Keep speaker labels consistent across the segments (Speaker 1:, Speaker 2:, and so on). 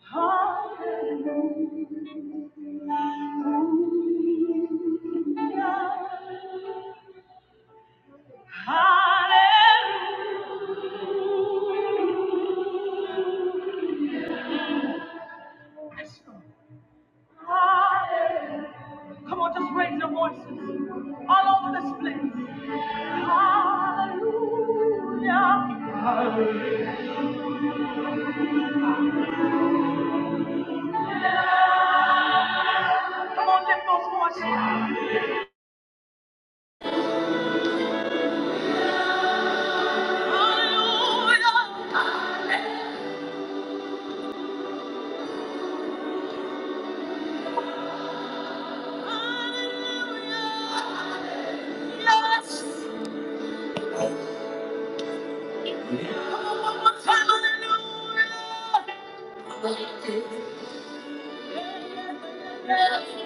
Speaker 1: Hallelujah. Hallelujah. Yes, Hallelujah. Come on, just raise your voices all over this place. Hallelujah. Hallelujah. Come on, lift those voices. Hallelujah!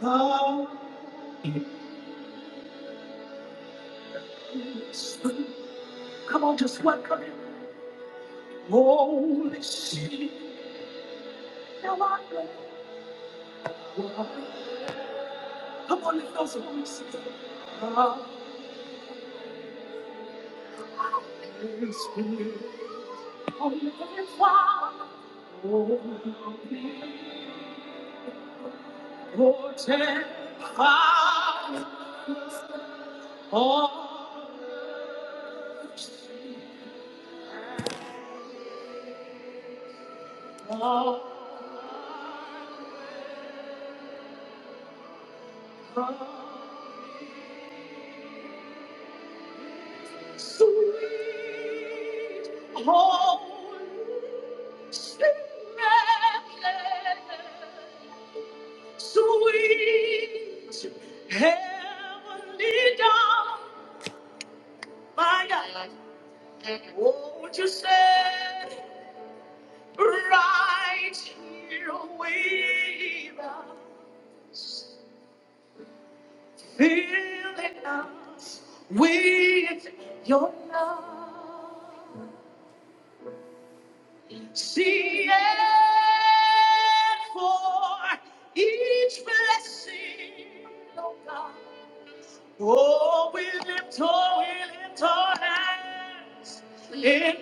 Speaker 1: Hallelujah! Come on, just welcome him. Holy Spirit, now I know. Sweet Holy, Spirit, sweet Heavenly dawn, my God, won't you say? right here with us, filling us with your love. See it for each blessing. Oh, we lift, oh, we lift our hands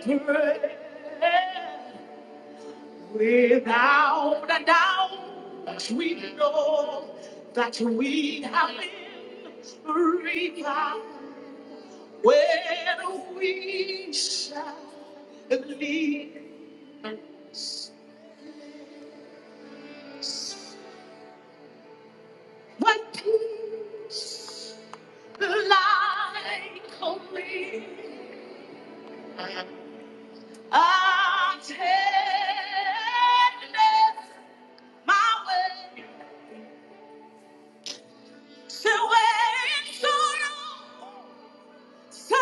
Speaker 1: in prayer. Without a doubt, we know that we have been refound when we shall leave. When peace like only a tenderness my way to where sorrow Sorrow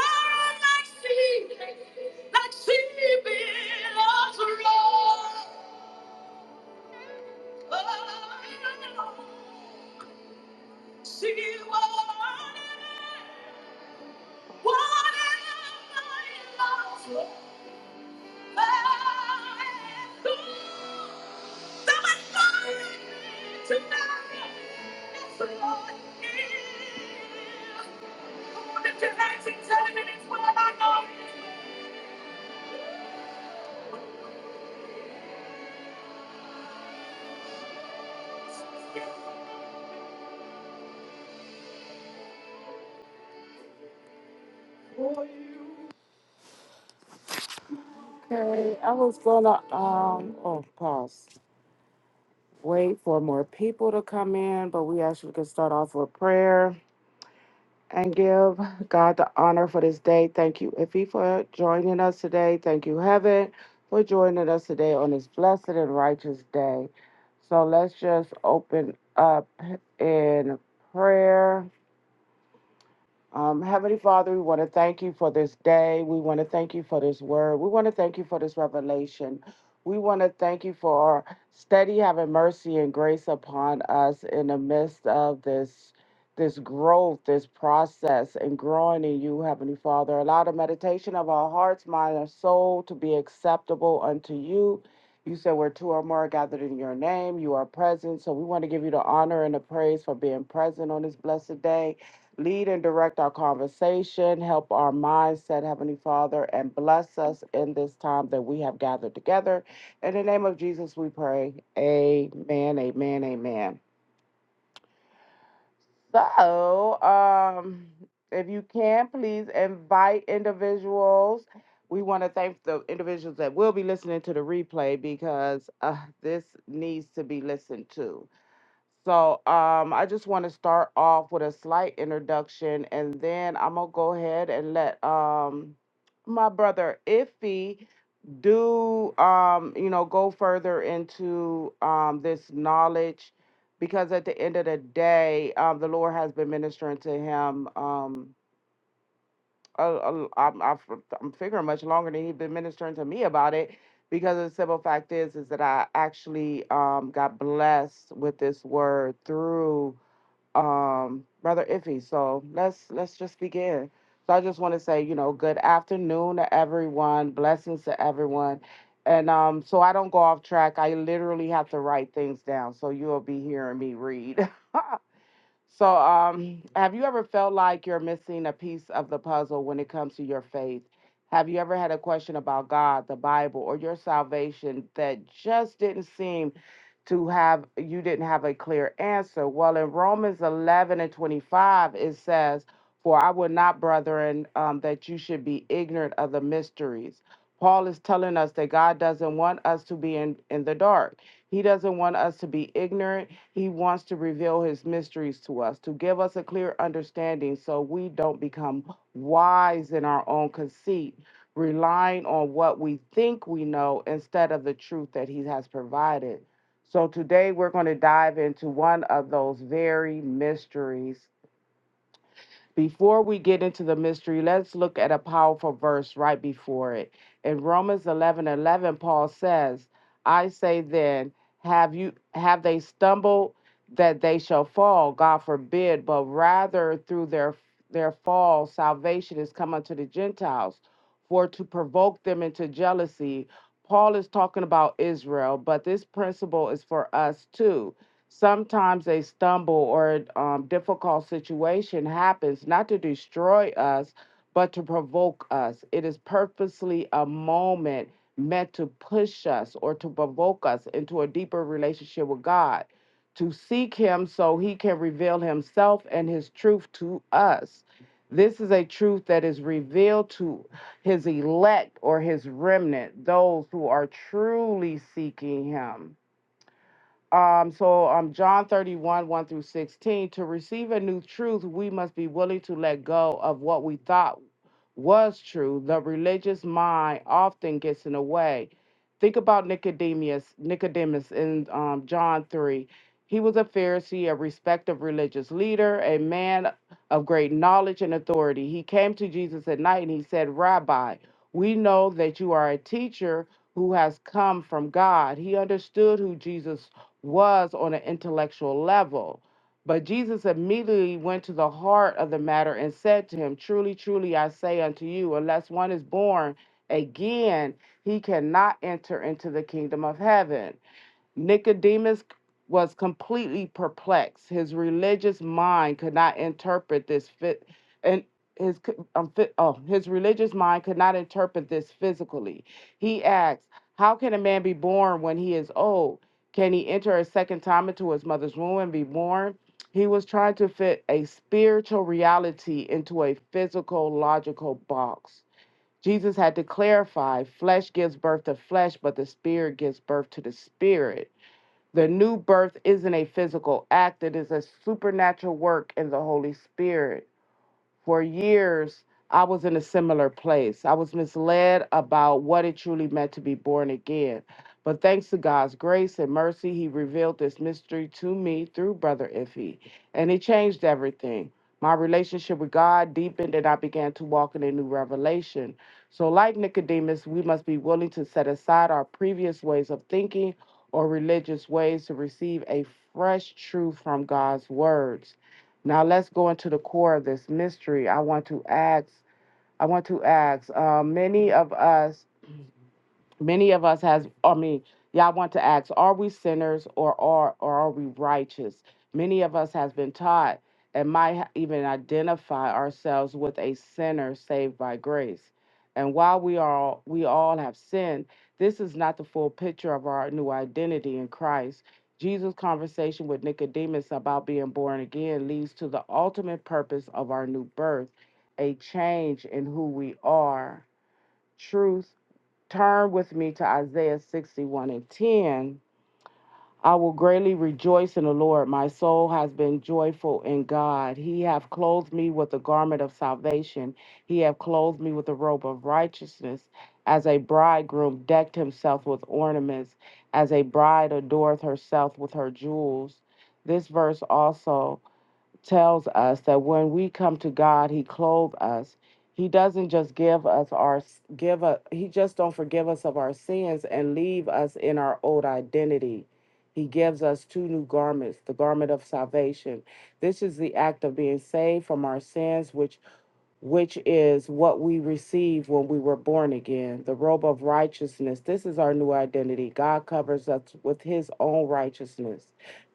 Speaker 1: like sea, like sea billows roll. Oh, She wanted, wanted my love. I am Okay, I was gonna um oh pause. Wait for more people to come in, but we actually can start off with prayer and give God the honor for this day. Thank you, Iffy, for joining us today. Thank you, Heaven, for joining us today on this blessed and righteous day. So let's just open up in prayer. Um, Heavenly Father, we want to thank you for this day. We want to thank you for this word. We want to thank you for this revelation. We want to thank you for steady having mercy and grace upon us in the midst of this this growth, this process, and growing in you, Heavenly Father. Allow the meditation of our hearts, mind, and soul to be acceptable unto you. You said where two or more are gathered in your name, you are present. So we want to give you the honor and the praise for being present on this blessed day. Lead and direct our conversation, help our mindset, Heavenly Father, and bless us in this time that we have gathered together. In the name of Jesus, we pray. Amen, amen, amen. So, um, if you can, please invite individuals. We want to thank the individuals that will be listening to the replay because uh, this needs to be listened to. So um, I just want to start off with a slight introduction, and then I'm gonna go ahead and let um, my brother Iffy do um, you know go further into um, this knowledge, because at the end of the day, um, the Lord has been ministering to him. Um, a, a, I'm, I've- I'm figuring much longer than he's been ministering to me about it, because the simple fact is is that I actually um, got blessed with this word through um, Brother Iffy. So let's let's just begin. So I just want to say, you know, good afternoon to everyone. Blessings to everyone. And um, so I don't go off track. I literally have to write things down. So you'll be hearing me read. So, um, have you ever felt like you're missing a piece of the puzzle when it comes to your faith? Have you ever had a question about God, the Bible, or your salvation that just didn't seem to have, you didn't have a clear answer? Well, in Romans 11 and 25, it says, For I would not, brethren, um, that you should be ignorant of the mysteries. Paul is telling us that God doesn't want us to be in, in the dark, He doesn't want us to be ignorant. He wants to reveal his mysteries to us, to give us a clear understanding so we don't become wise in our own conceit, relying on what we think we know instead of the truth that he has provided. So today we're going to dive into one of those very mysteries before we get into the mystery, let's look at a powerful verse right before it. In Romans 11 11. Paul says, I say then, have you have they stumbled that they shall fall? God forbid, but rather through their their fall, salvation is come unto the Gentiles, for to provoke them into jealousy. Paul is talking about Israel, but this principle is for us too sometimes a stumble or um, difficult situation happens not to destroy us, but to provoke us. It is purposely a moment meant to push us or to provoke us into a deeper relationship with God, to seek Him so He can reveal Himself and His truth to us. This is a truth that is revealed to His elect or His remnant, those who are truly seeking Him. Um, so um, John 31, 1 through 16, to receive a new truth, we must be willing to let go of what we thought was true. The religious mind often gets in the way. Think about Nicodemus, Nicodemus in um, John 3. He was a Pharisee, a respected religious leader, a man of great knowledge and authority. He came to Jesus at night and he said, Rabbi, we know that you are a teacher who has come from God. He understood who Jesus was on an intellectual level. But Jesus immediately went to the heart of the matter and said to him, Truly, truly, I say unto you, unless one is born again, he cannot enter into the kingdom of heaven. Nicodemus was completely perplexed. His religious mind could not interpret this fit, and his um, fit, oh, his religious mind could not interpret this physically. He asked, "How can a man be born when he is old? Can he enter a second time into his mother's womb and be born?" He was trying to fit a spiritual reality into a physical, logical box. Jesus had to clarify flesh gives birth to flesh, but the spirit gives birth to the spirit. The new birth isn't a physical act, it is a supernatural work in the Holy Spirit for years I was in a similar place. I was misled about what it truly meant to be born again. But thanks to God's grace and mercy, He revealed this mystery to me through Brother Iffy, and it changed everything. My relationship with God deepened, and I began to walk in a new revelation. So, like Nicodemus, we must be willing to set aside our previous ways of thinking or religious ways to receive a fresh truth from God's words. Now let's go into the core of this mystery. I want to ask, I want to ask, uh, many of us many of us has i mean y'all want to ask are we sinners or are or are we righteous many of us has been taught and might ha- even identify ourselves with a sinner saved by grace and while we are we all have sinned this is not the full picture of our new identity in christ jesus conversation with nicodemus about being born again leads to the ultimate purpose of our new birth a change in who we are truth Turn with me to Isaiah 61 and 10. I will greatly rejoice in the Lord. My soul has been joyful in God. He hath clothed me with the garment of salvation. He hath clothed me with the robe of righteousness, as a bridegroom decked himself with ornaments, as a bride adoreth herself with her jewels. This verse also tells us that when we come to God, He clothes us. He doesn't just give us our give us. He just don't forgive us of our sins and leave us in our old identity. He gives us two new garments: the garment of salvation. This is the act of being saved from our sins, which which is what we receive when we were born again, the robe of righteousness. This is our new identity. God covers us with his own righteousness,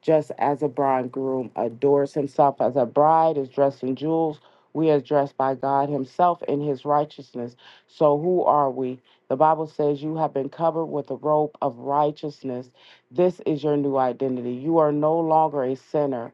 Speaker 1: just as a bridegroom adores himself as a bride is dressed in jewels. We are dressed by God himself in his righteousness. So who are we? The Bible says you have been covered with the robe of righteousness. This is your new identity. You are no longer a sinner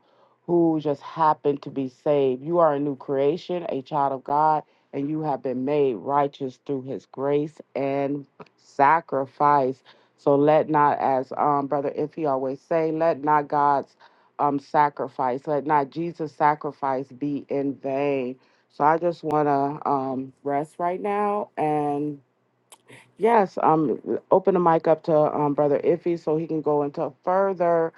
Speaker 1: who just happen to be saved. You are a new creation, a child of God, and you have been made righteous through his grace and sacrifice. So let not, as um, Brother Iffy always say, let not God's um, sacrifice, let not Jesus' sacrifice be in vain. So I just want to um, rest right now and yes, um, open the mic up to um, Brother Iffy so he can go into further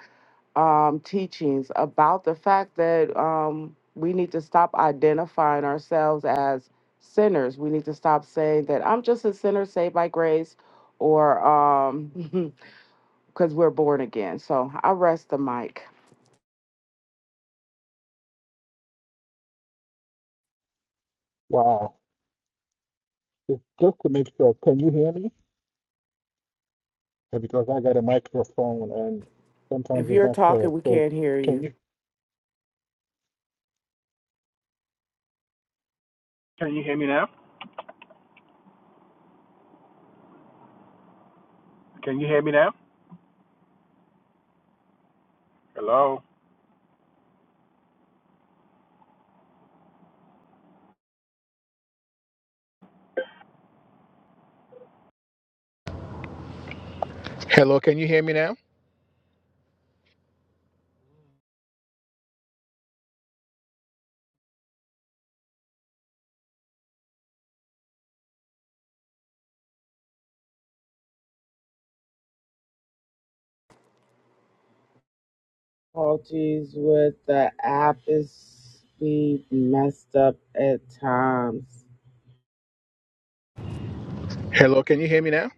Speaker 1: um, teachings about the fact that um, we need to stop identifying ourselves as sinners. We need to stop saying that I'm just a sinner saved by grace or um, because we're born again. So I rest the mic.
Speaker 2: Wow. Just, just to make sure, can you hear me? Yeah, Because I got a microphone and sometimes
Speaker 1: If
Speaker 2: it's
Speaker 1: you're
Speaker 2: not clear.
Speaker 1: talking, we
Speaker 2: So
Speaker 1: can't hear
Speaker 2: can
Speaker 1: you.
Speaker 2: you? Can you hear me now? Can you hear me now? Hello. Hello, can you hear me now?
Speaker 1: Apologies with the app is be messed up at times.
Speaker 2: Hello, can you hear me now?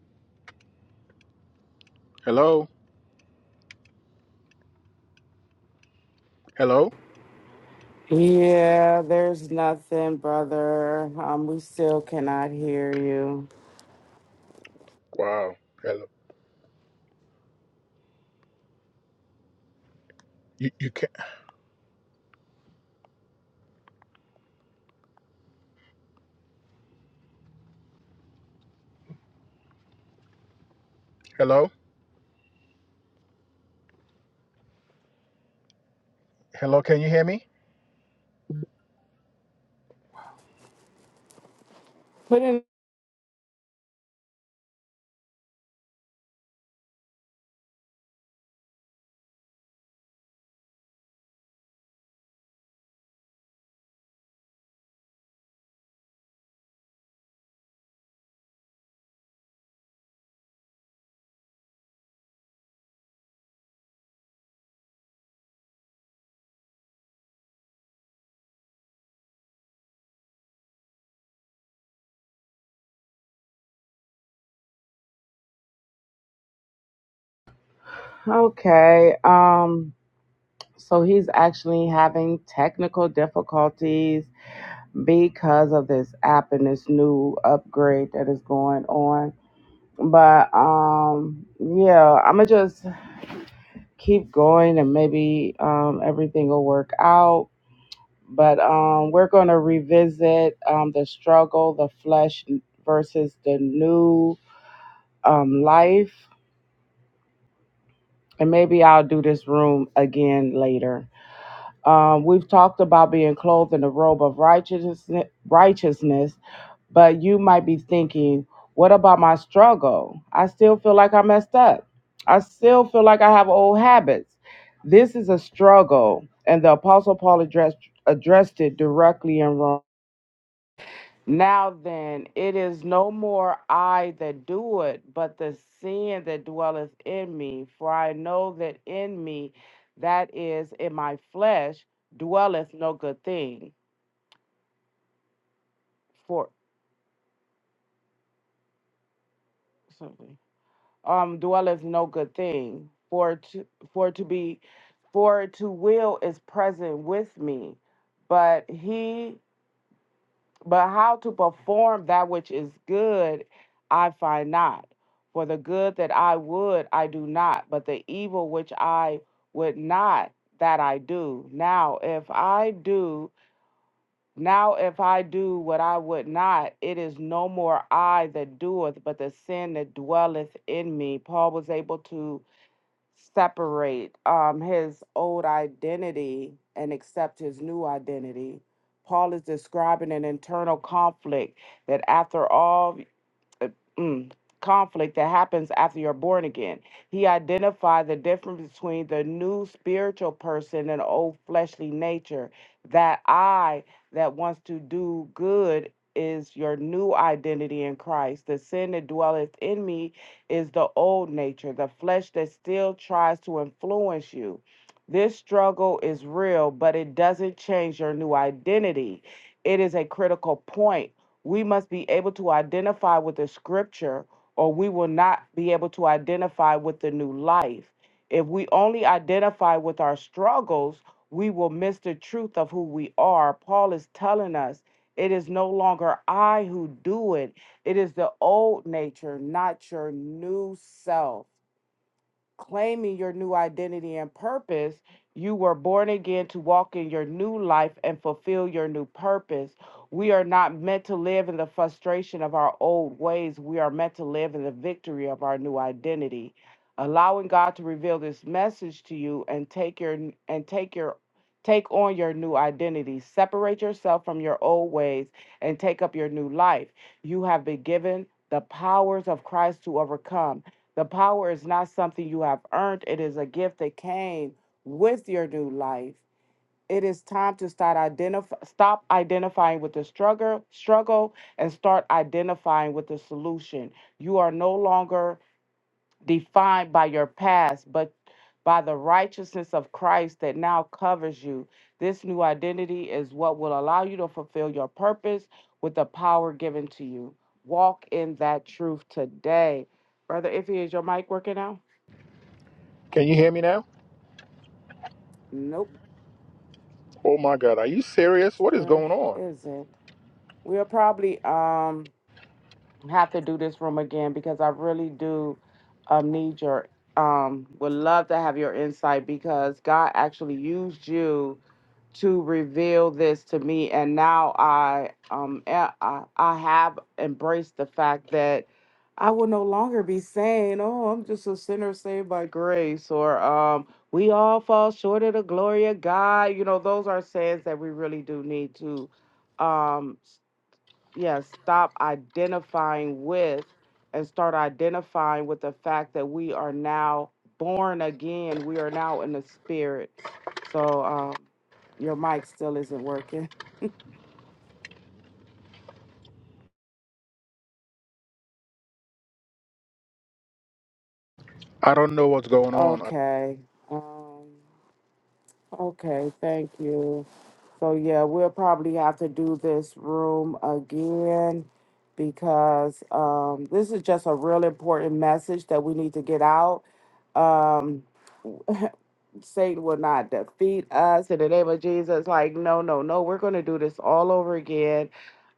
Speaker 2: Hello? Hello?
Speaker 1: Yeah, there's nothing, brother. Um, we still cannot hear you.
Speaker 2: Wow. Hello. You, you can Hello? Hello, can you hear me?
Speaker 1: Put in Okay. Um so he's actually having technical difficulties because of this app and this new upgrade that is going on. But um yeah, I'm going to just keep going and maybe um everything will work out. But um we're going to revisit um the struggle, the flesh versus the new um life and maybe I'll do this room again later. Um, we've talked about being clothed in the robe of righteousness, righteousness, but you might be thinking, what about my struggle? I still feel like I messed up. I still feel like I have old habits. This is a struggle, and the Apostle Paul addressed addressed it directly in Romans. Now then, it is no more I that do it, but the sin that dwelleth in me. For I know that in me, that is in my flesh, dwelleth no good thing. For something um dwelleth no good thing. For to for to be for to will is present with me, but he But how to perform that which is good, I find not. For the good that I would, I do not, but the evil which I would not, that I do. Now, if I do, now if I do what I would not, it is no more I that doeth, but the sin that dwelleth in me. Paul was able to separate um, his old identity and accept his new identity. Paul is describing an internal conflict that, after all uh, mm, conflict that happens after you're born again. He identified the difference between the new spiritual person and old fleshly nature. That I that wants to do good is your new identity in Christ. The sin that dwelleth in me is the old nature, the flesh that still tries to influence you. This struggle is real, but it doesn't change your new identity. It is a critical point we must be able to identify with the scripture or we will not be able to identify with the new life. If we only identify with our struggles, we will miss the truth of who we are. Paul is telling us it is no longer I who do it, it is the old nature, not your new self claiming your new identity and purpose, you were born again to walk in your new life and fulfill your new purpose. We are not meant to live in the frustration of our old ways. We are meant to live in the victory of our new identity. Allowing God to reveal this message to you and take your and take your take on your new identity. Separate yourself from your old ways and take up your new life. You have been given the powers of Christ to overcome. The power is not something you have earned, it is a gift that came with your new life. It is time to start identify stop identifying with the struggle struggle and start identifying with the solution. You are no longer defined by your past, but by the righteousness of Christ that now covers you. This new identity is what will allow you to fulfill your purpose with the power given to you. Walk in that truth today. Brother Iffy, is your mic working now?
Speaker 2: Can you hear me now?
Speaker 1: Nope,
Speaker 2: Oh my God, are you serious? What is
Speaker 1: sure
Speaker 2: going on?
Speaker 1: isn't. We'll probably um have to do this room again because I really do um need your um would love to have your insight because God actually used you to reveal this to me and now I um a- I, I have embraced the fact that I will no longer be saying, "Oh, I'm just a sinner saved by grace," or um, "We all fall short of the glory of God." You know, those are sayings that we really do need to um, yeah, stop identifying with and start identifying with the fact that we are now born again. We are now in the spirit. So um, your mic still isn't working.
Speaker 2: I don't know what's going on.
Speaker 1: Okay. Um, okay. Thank you. So yeah, we'll probably have to do this room again because um, this is just a real important message that we need to get out. Um, Satan will not defeat us in the name of Jesus. Like, no, no, no, we're going to do this all over again.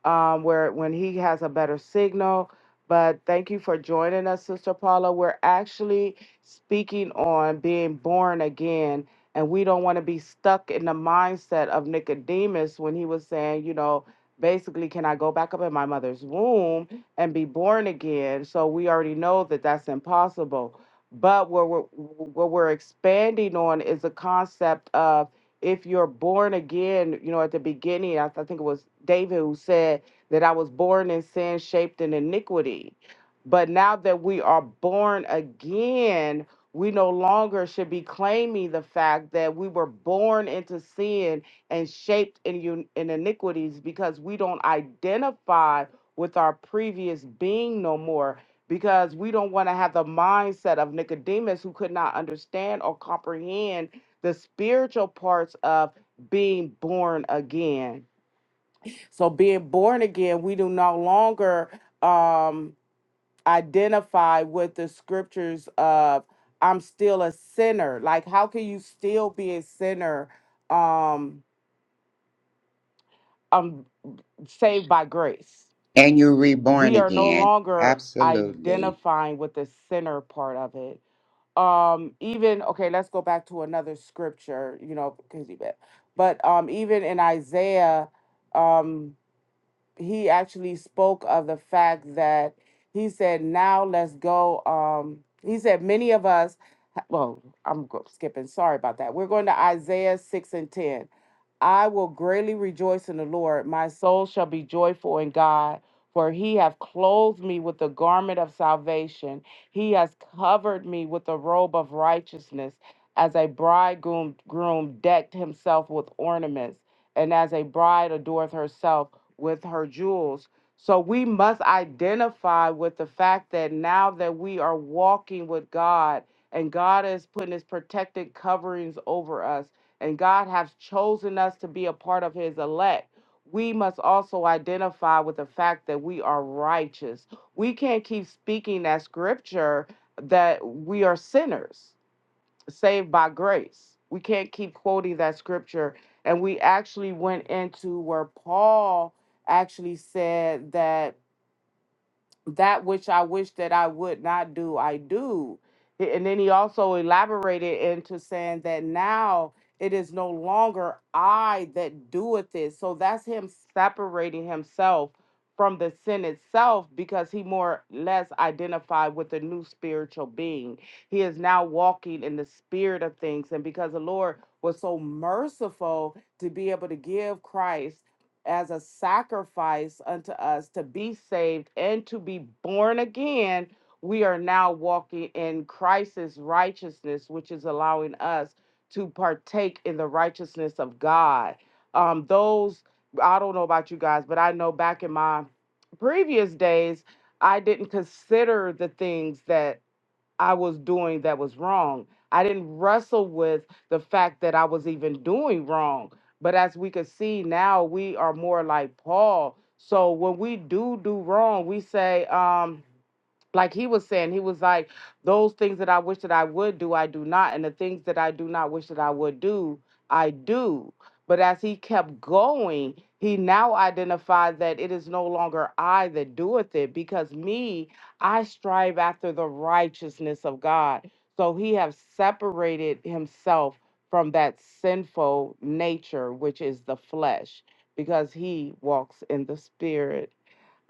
Speaker 1: Um, where when he has a better signal. But thank you for joining us, Sister Paula. We're actually speaking on being born again, and we don't want to be stuck in the mindset of Nicodemus when he was saying, you know, basically, can I go back up in my mother's womb and be born again? So we already know that that's impossible. But what we're, what we're expanding on is the concept of if you're born again, you know, at the beginning, I, I think it was David who said that I was born in sin, shaped in iniquity. But now that we are born again, we no longer should be claiming the fact that we were born into sin and shaped in, un- in iniquities because we don't identify with our previous being no more because we don't want to have the mindset of Nicodemus who could not understand or comprehend the spiritual parts of being born again. So being born again, we do no longer um identify with the scriptures of I'm still a sinner. Like how can you still be a sinner um I'm saved by grace?
Speaker 3: And you're reborn
Speaker 1: We are no
Speaker 3: again.
Speaker 1: longer
Speaker 3: Absolutely.
Speaker 1: identifying with the sinner part of it um even okay let's go back to another scripture you know crazy bit but um even in isaiah um he actually spoke of the fact that he said, now let's go. Um, he said, many of us, well, I'm go- skipping. Sorry about that. We're going to Isaiah 6 and 10. I will greatly rejoice in the Lord. My soul shall be joyful in God, for he hath clothed me with the garment of salvation. He has covered me with the robe of righteousness, as a bridegroom groom decked himself with ornaments, and as a bride adoreth herself with her jewels. So we must identify with the fact that now that we are walking with God and God is putting his protected coverings over us and God has chosen us to be a part of his elect, we must also identify with the fact that we are righteous. We can't keep speaking that scripture that we are sinners saved by grace. We can't keep quoting that scripture. And we actually went into where Paul actually said that that which I wish that I would not do, I do. A- And then he also elaborated into saying that now it is no longer I that doeth it. So that's him separating himself from the sin itself because he more or less identified with the new spiritual being. He is now walking in the spirit of things. And because the Lord was so merciful to be able to give Christ as a sacrifice unto us to be saved and to be born again, we are now walking in Christ's righteousness, which is allowing us to partake in the righteousness of God. Um, those, I don't know about you guys, but I know back in my previous days, I didn't consider the things that I was doing that was wrong. I didn't wrestle with the fact that I was even doing wrong. But as we could see now, we are more like Paul. So when we do do wrong, we say, um, like he was saying, he was like, those things that I wish that I would do, I do not. And the things that I do not wish that I would do, I do. But as he kept going, he now identified that it is no longer I that doeth it because me I strive after the righteousness of God. So he has separated himself from that sinful nature, which is the flesh, because he walks in the spirit.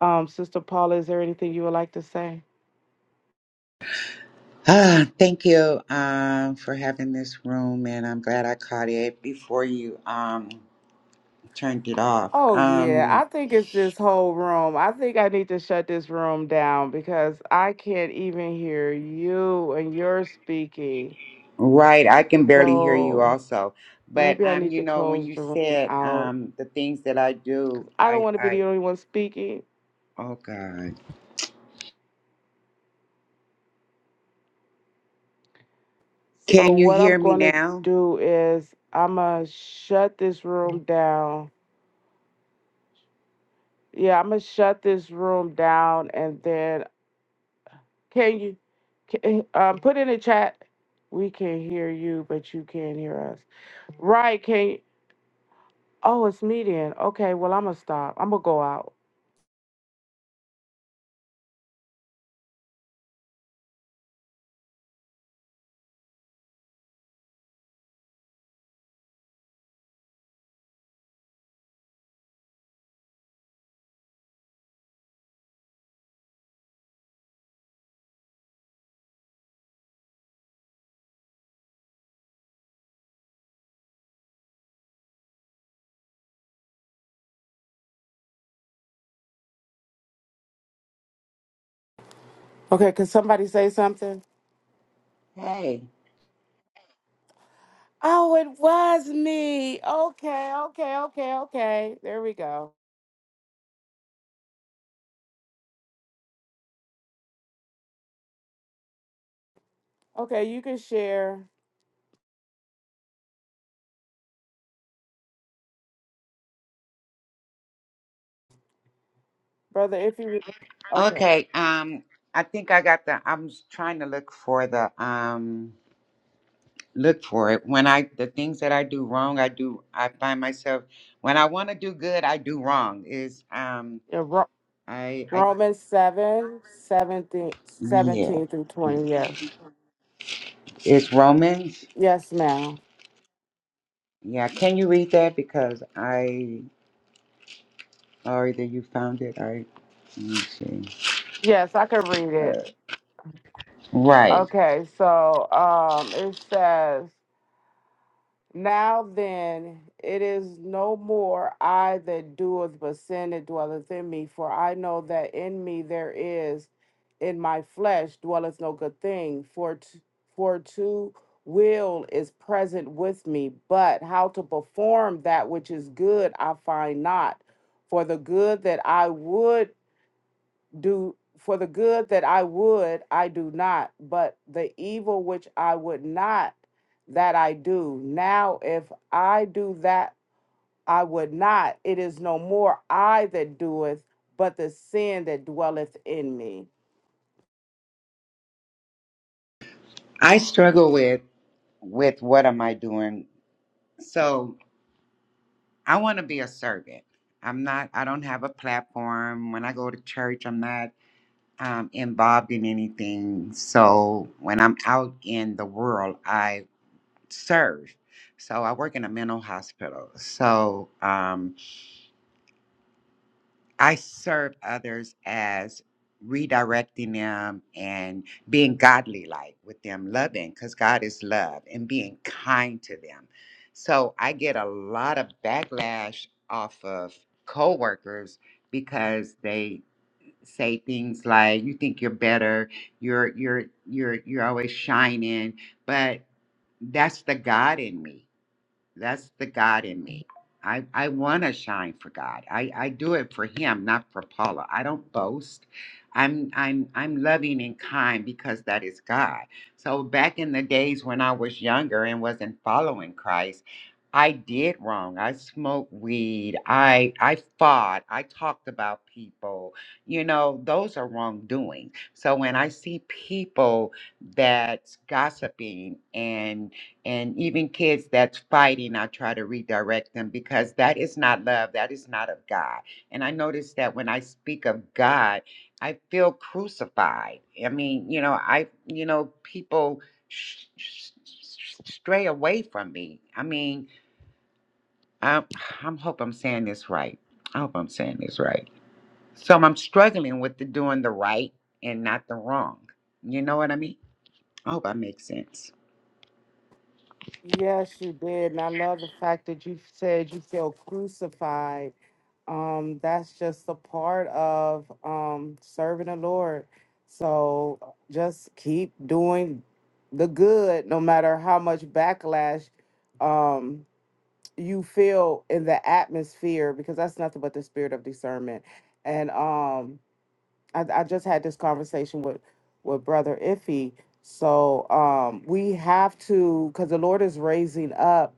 Speaker 1: Um, Sister Paula, is there anything you would like to say?
Speaker 3: Ah, thank you um, for having this room, and I'm glad I caught it before you um, turned it off.
Speaker 1: Oh yeah, I
Speaker 3: Um,
Speaker 1: think it's this whole room. I think I need to shut this room down because I can't even hear you and you're speaking.
Speaker 3: right, I can barely hear you
Speaker 1: So
Speaker 3: also. But,
Speaker 1: maybe I
Speaker 3: um,
Speaker 1: need
Speaker 3: you
Speaker 1: to
Speaker 3: know, when
Speaker 1: close
Speaker 3: you
Speaker 1: the room
Speaker 3: said
Speaker 1: out.
Speaker 3: um, the things that I do,
Speaker 1: I don't
Speaker 3: I,
Speaker 1: want to be
Speaker 3: I,
Speaker 1: the only one speaking.
Speaker 3: oh God.
Speaker 1: So
Speaker 3: Can you
Speaker 1: what
Speaker 3: hear
Speaker 1: I'm
Speaker 3: me
Speaker 1: going to
Speaker 3: now?
Speaker 1: do is I'm going to shut this room down. Yeah, I'm going to shut this room down and then can you can, um, put in the chat we can hear you but you can't hear us. Right, can you? Oh, it's me then. Okay, well I'm going to stop. I'm going to go out. Okay, can somebody say something?
Speaker 3: Hey.
Speaker 1: Oh, it was me. Okay, okay, okay, okay. There we go. Okay, you can share. Brother, if you read, okay,
Speaker 3: Okay. Um, I think I got the, I'm trying to look for the, um. look for it when i the things that i do wrong i do i find myself when i want to do good i do wrong is um
Speaker 1: yeah, Ro-
Speaker 3: i i
Speaker 1: Romans 7 17
Speaker 3: yeah
Speaker 1: seventeen through 20, yes.
Speaker 3: it's romans
Speaker 1: Yes, ma'am.
Speaker 3: yeah can you read that because i or either you found it or let me see
Speaker 1: Yes, I can read it.
Speaker 3: right
Speaker 1: Okay, so um, it says. Now then, it is no more I that doeth, but sin that dwelleth in me. For I know that in me there is, in my flesh dwelleth no good thing. For t- for to will is present with me, but how to perform that which is good I find not. For the good that I would do for the good that I would, I do not, but the evil which I would not, that I do. Now, if I do that I would not, it is no more I that doeth, but the sin that dwelleth in me.
Speaker 3: i struggle with with what am i doing so i want to be a servant i'm not i don't have a platform when i go to church i'm not um, involved in anything. So when I'm out in the world, I serve. So I work in a mental hospital. So um, I serve others as redirecting them and being godly like with them, loving, because God is love, and being kind to them. So I get a lot of backlash off of coworkers because they say things like you think you're better, you're you're you're you're always shining, but that's the God in me. That's the God in me. I, I want to shine for God. I, I do it for him, not for Paula. I don't boast. I'm I'm I'm loving and kind because that is God. So back in the days when I was younger and wasn't following Christ, I did wrong. I smoked weed. I I fought. I talked about people. You know, those are wrongdoing. So when I see people that's gossiping and and even kids that's fighting, I try to redirect them because that is not love. That is not of God. And I notice that when I speak of God, I feel crucified. I mean, you know, I, you know, people sh- sh- sh- stray away from me. I mean, I'm, I'm hope I'm saying this right. I hope I'm saying this right. So I'm struggling with the doing the right and not the wrong. You know what I mean? I hope I make sense.
Speaker 1: Yes, you did. And I love the fact that you said you feel crucified. Um, that's just a part of um, serving the Lord. So just keep doing the good, no matter how much backlash um, you feel in the atmosphere, because that's nothing but the spirit of discernment. And um, I, I just had this conversation with with brother Iffy. So um, we have to, because the Lord is raising up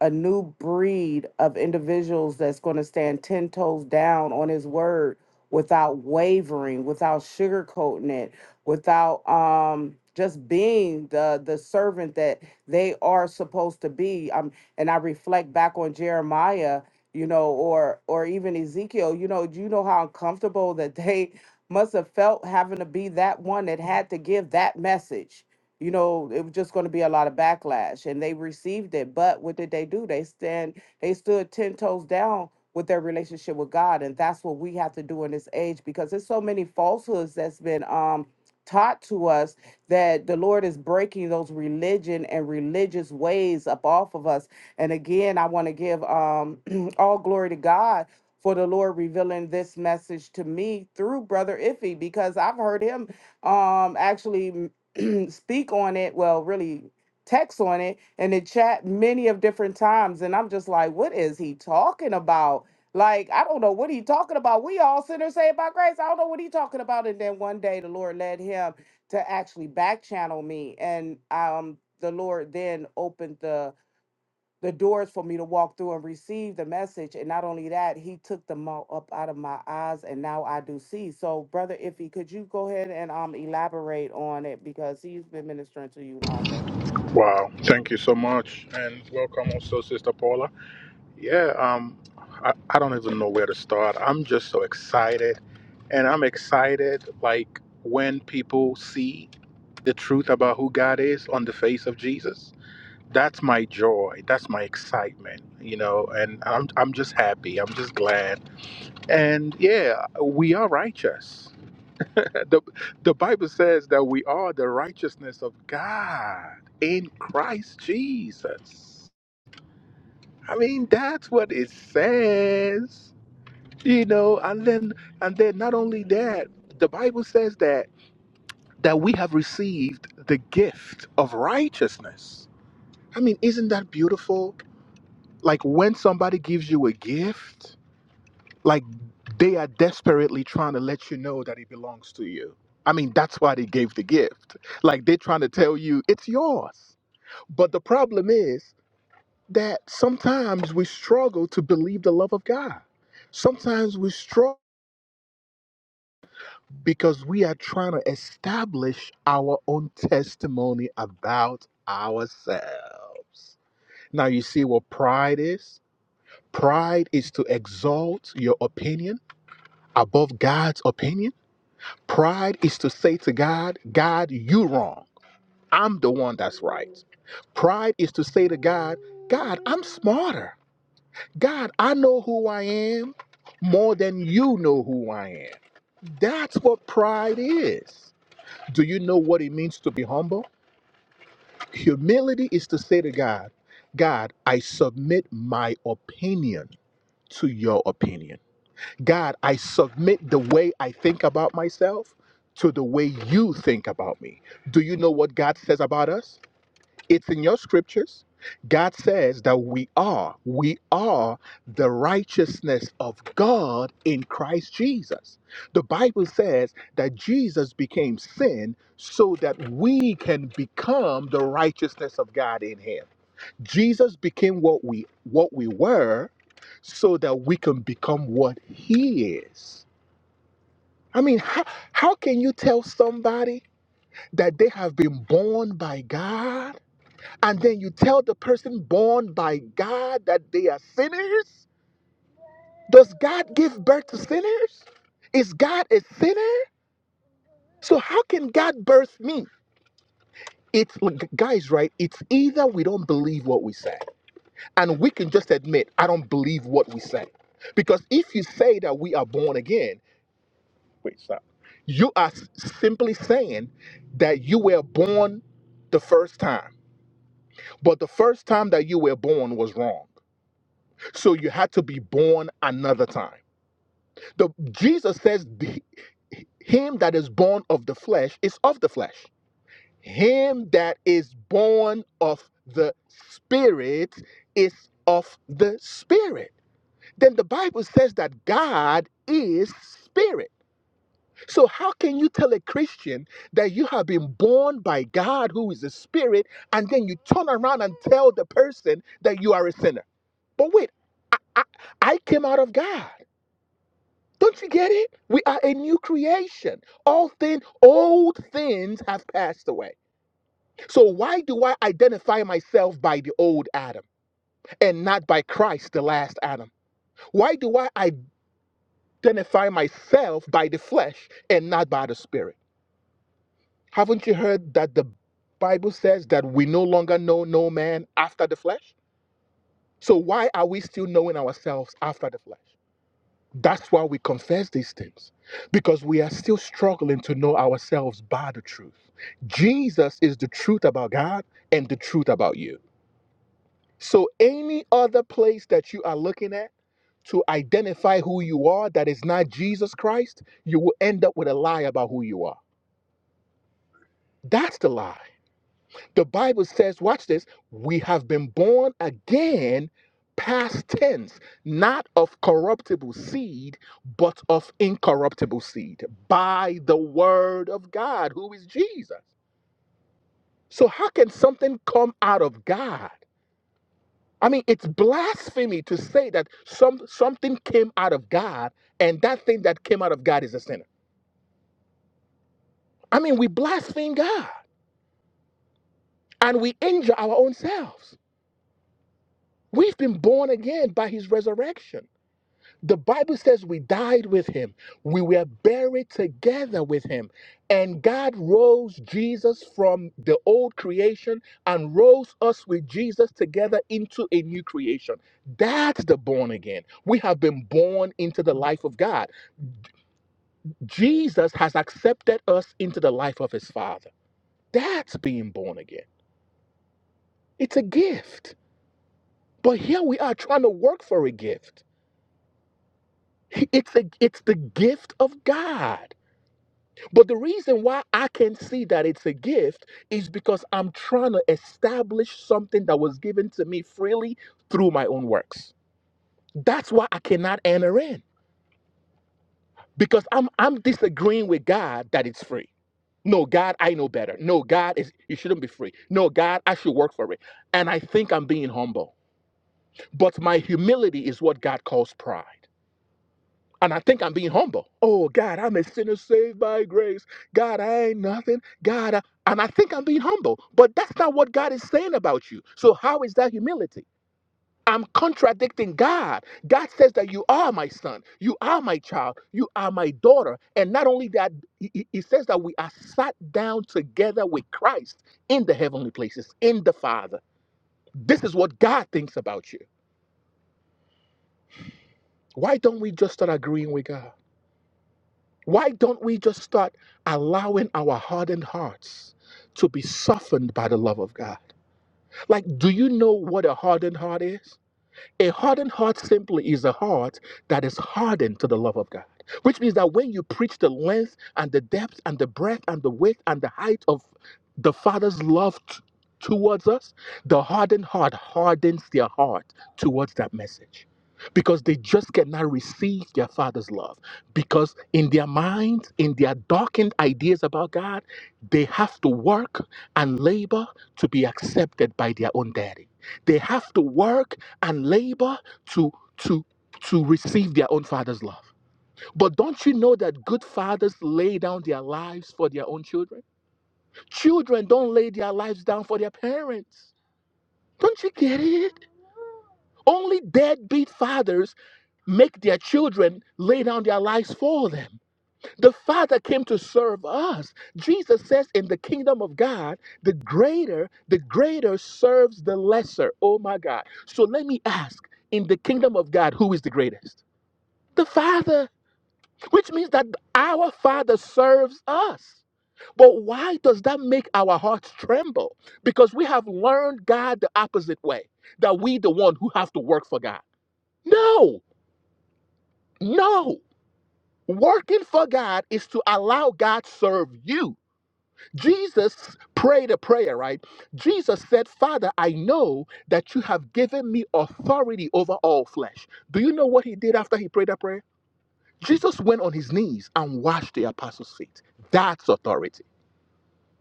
Speaker 1: a new breed of individuals that's going to stand 10 toes down on his word without wavering, without sugarcoating it, without um just being the the servant that they are supposed to be. Um and I reflect back on Jeremiah, you know, or or even Ezekiel, you know, do you know how uncomfortable that they must have felt having to be that one that had to give that message you know it was just going to be a lot of backlash and they received it but what did they do they stand they stood 10 toes down with their relationship with god and that's what we have to do in this age because there's so many falsehoods that's been um taught to us that the lord is breaking those religion and religious ways up off of us and again i want to give um all glory to god for the lord revealing this message to me through brother iffy because i've heard him um actually speak on it, well, really text on it and the chat many of different times. And I'm just like, what is he talking about? Like, I don't know what he talking about. We all sinners saved by grace. I don't know what he talking about. And then one day the Lord led him to actually back channel me. And um the Lord then opened the the doors for me to walk through and receive the message. And not only that, he took the malt up out of my eyes, and now I do see. So, brother Iffy, could you go ahead and um elaborate on it because he's been ministering to you longer.
Speaker 2: Wow. Thank you so much. And welcome also, Sister Paula. Yeah, um, I, I don't even know where to start. I'm just so excited. And I'm excited, like, when people see the truth about who God is on the face of Jesus. That's my joy. That's my excitement, you know, and I'm, I'm just happy. I'm just glad. And yeah, we are righteous. The, the Bible says that we are the righteousness of God in Christ Jesus. I mean, that's what it says. you know and then and then not only that the bible says that that we have received the gift of righteousness i mean isn't that beautiful like when somebody gives you a gift like they are desperately trying to let you know that it belongs to you i mean that's why they gave the gift like they're trying to tell you it's yours but the problem is that sometimes we struggle to believe the love of god sometimes we struggle because we are trying to establish our own testimony about ourselves. Now, you see what pride is? Pride is to exalt your opinion above God's opinion. Pride is to say to God, God, you wrong. I'm the one that's right. Pride is to say to God, God, I'm smarter. God, I know who I am more than you know who I am. That's what pride is. Do you know what it means to be humble? Humility is to say to God, God, I submit my opinion to your opinion. God, I submit the way I think about myself to the way you think about me. Do you know what God says about us? It's in your scriptures. God says that we are, we are the righteousness of God in Christ Jesus. The Bible says that Jesus became sin so that we can become the righteousness of God in him. Jesus became what we what we were so that we can become what he is. I mean, how, how can you tell somebody that they have been born by God and then you tell the person born by God that they are sinners? Does God give birth to sinners? Is God a sinner? So how can God birth me? It's guys, right? It's either we don't believe what we say, and we can just admit I don't believe what we say, because if you say that we are born again, wait, stop. You are simply saying that you were born the first time, but the first time that you were born was wrong. So you had to be born another time. The Jesus says, "Him that is born of the flesh is of the flesh. Him that is born of the spirit is of the spirit." Then the Bible says that God is spirit. So how can you tell a Christian that you have been born by God who is a spirit and then you turn around and tell the person that you are a sinner? But wait, I, I came out of God. Don't you get it? We are a new creation. All things, old things have passed away. So why do I identify myself by the old Adam and not by Christ, the last Adam? Why do I identify myself by the flesh and not by the spirit? Haven't you heard that the Bible says that we no longer know no man after the flesh? So why are we still knowing ourselves after the flesh? That's why we confess these things, because we are still struggling to know ourselves by the truth. Jesus is the truth about God and the truth about you. So, any other place that you are looking at to identify who you are that is not Jesus Christ, you will end up with a lie about who you are. That's the lie. The Bible says, watch this, we have been born again, past tense, not of corruptible seed, but of incorruptible seed, by the word of God, who is Jesus. So, how can something come out of God? I mean, it's blasphemy to say that some, something came out of God and that thing that came out of God is a sinner. I mean, we blaspheme God and we injure our own selves. We've been born again by his resurrection. The Bible says we died with him, we were buried together with him, and God rose Jesus from the old creation and rose us with Jesus together into a new creation. That's the born again. We have been born into the life of God. Jesus has accepted us into the life of his Father. That's being born again. It's a gift. But here we are trying to work for a gift. It's a, it's the gift of God. But the reason why I can see that it's a gift is because I'm trying to establish something that was given to me freely through my own works. That's why I cannot enter in because I'm I'm disagreeing with God that it's free. No, God, I know better. No, God is you shouldn't be free. No, God, I should work for it. And I think I'm being humble. But my humility is what God calls pride. And I think I'm being humble. Oh, God, I'm a sinner saved by grace. God, I ain't nothing. God, I... and I think I'm being humble. But that's not what God is saying about you. So, how is that humility? I'm contradicting God. God says that you are my son, you are my child, you are my daughter. And not only that, he, he he says that we are sat down together with Christ in the heavenly places, in the Father. This is what God thinks about you. Why don't we just start agreeing with God? Why don't we just start allowing our hardened hearts to be softened by the love of God? Like, do you know what a hardened heart is? A hardened heart simply is a heart that is hardened to the love of God, which means that when you preach the length and the depth and the breadth and the width and the height of the Father's love t- towards us, the hardened heart hardens their heart towards that message because they just cannot receive their Father's love. Because in their minds, in their darkened ideas about God, they have to work and labor to be accepted by their own daddy. They have to work and labor to to to receive their own father's love. But don't you know that good fathers lay down their lives for their own children? Children don't lay their lives down for their parents. Don't you get it? Only deadbeat fathers make their children lay down their lives for them. The Father came to serve us. Jesus says in the kingdom of God, the greater, the greater serves the lesser. Oh my God. So let me ask, in the kingdom of God, who is the greatest? The Father, which means that our Father serves us. But why does that make our hearts tremble? Because we have learned God the opposite way, that we the one who have to work for God. No, no. Working for God is to allow God to serve you. Jesus prayed a prayer, right? Jesus said, "Father, I know that you have given me authority over all flesh." Do you know what he did after he prayed that prayer? Jesus went on his knees and washed the apostles' feet. That's authority.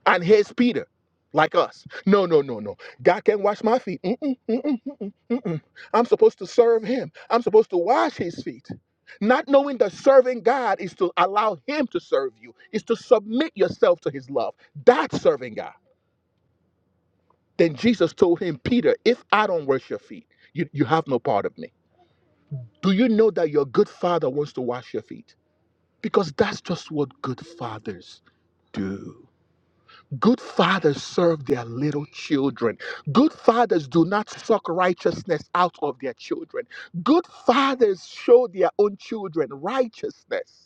Speaker 2: And here's Peter, like us. No, no, no, no. God can wash my feet. Mm-mm, mm-mm, mm-mm, mm-mm. I'm supposed to serve him. I'm supposed to wash his feet. Not knowing that serving God is to allow him to serve you, is to submit yourself to his love. That's serving God. Then Jesus told him, Peter, if I don't wash your feet, you, you have no part of me. Do you know that your good father wants to wash your feet? Because that's just what good fathers do. Good fathers serve their little children. Good fathers do not suck righteousness out of their children. Good fathers show their own children righteousness.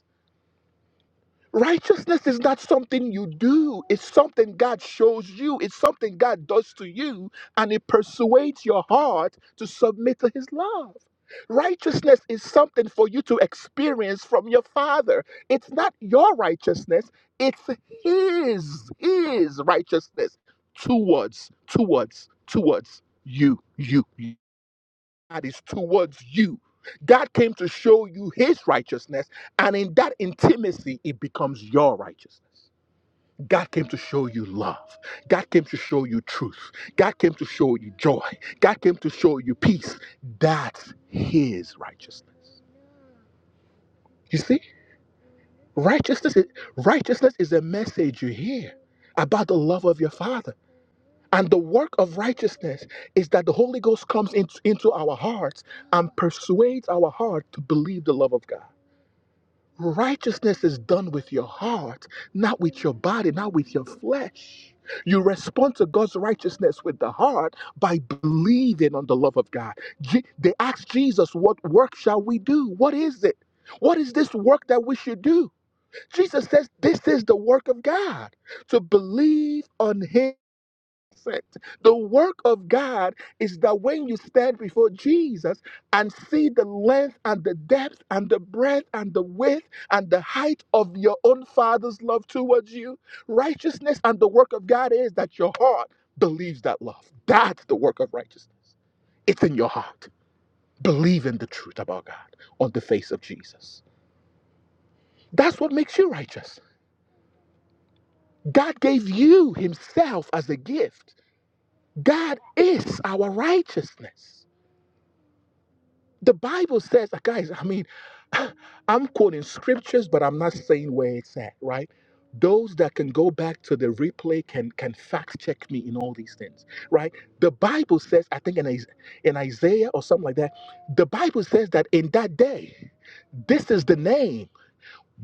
Speaker 2: Righteousness is not something you do, it's something God shows you, it's something God does to you, and it persuades your heart to submit to His love. Righteousness is something for you to experience from your Father. It's not your righteousness, it's His, His righteousness towards, towards, towards you, you, you. God is towards you. God came to show you his righteousness, and in that intimacy, it becomes your righteousness. God came to show you love. God came to show you truth. God came to show you joy. God came to show you peace. That's his righteousness. You see, righteousness is, righteousness is a message you hear about the love of your Father. And the work of righteousness is that the Holy Ghost comes in- into our hearts and persuades our heart to believe the love of God. Righteousness is done with your heart, not with your body, not with your flesh. You respond to God's righteousness with the heart by believing on the love of God. Je- they asked Jesus, What work shall we do? What is it? What is this work that we should do? Jesus says, This is the work of God to believe on Him mindset. The work of God is that when you stand before Jesus and see the length and the depth and the breadth and the width and the height of your own Father's love towards you, righteousness and the work of God is that your heart believes that love. That's the work of righteousness. It's in your heart. Believe in the truth about God on the face of Jesus. That's what makes you righteous. God gave you Himself as a gift. God is our righteousness. The Bible says, uh, guys, I mean, I'm quoting scriptures, but I'm not saying where it's at, right? Those that can go back to the replay can can fact check me in all these things, right? The Bible says, I think in, Is- in Isaiah or something like that, the Bible says that in that day, this is the name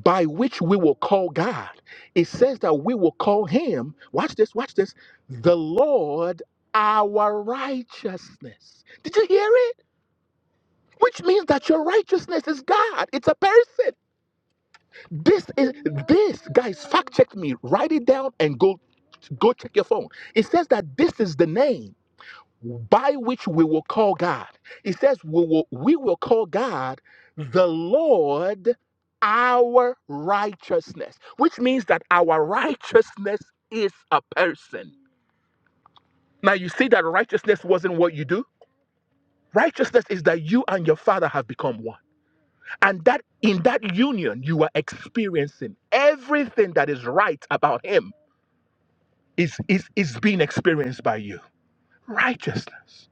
Speaker 2: by which we will call God. It says that we will call him, watch this, watch this, the Lord our righteousness. Did you hear it? which means that your righteousness is God. It's a person. This is this, guys. Fact check me. Write it down and go go check your phone. It says that this is the name by which we will call God. It says we will we will call God the Lord our righteousness, which means that our righteousness is a person. Now you see that righteousness wasn't what you do. Righteousness is that you and your father have become one. And that in that union, you are experiencing everything that is right about him is, is, is being experienced by you. Righteousness.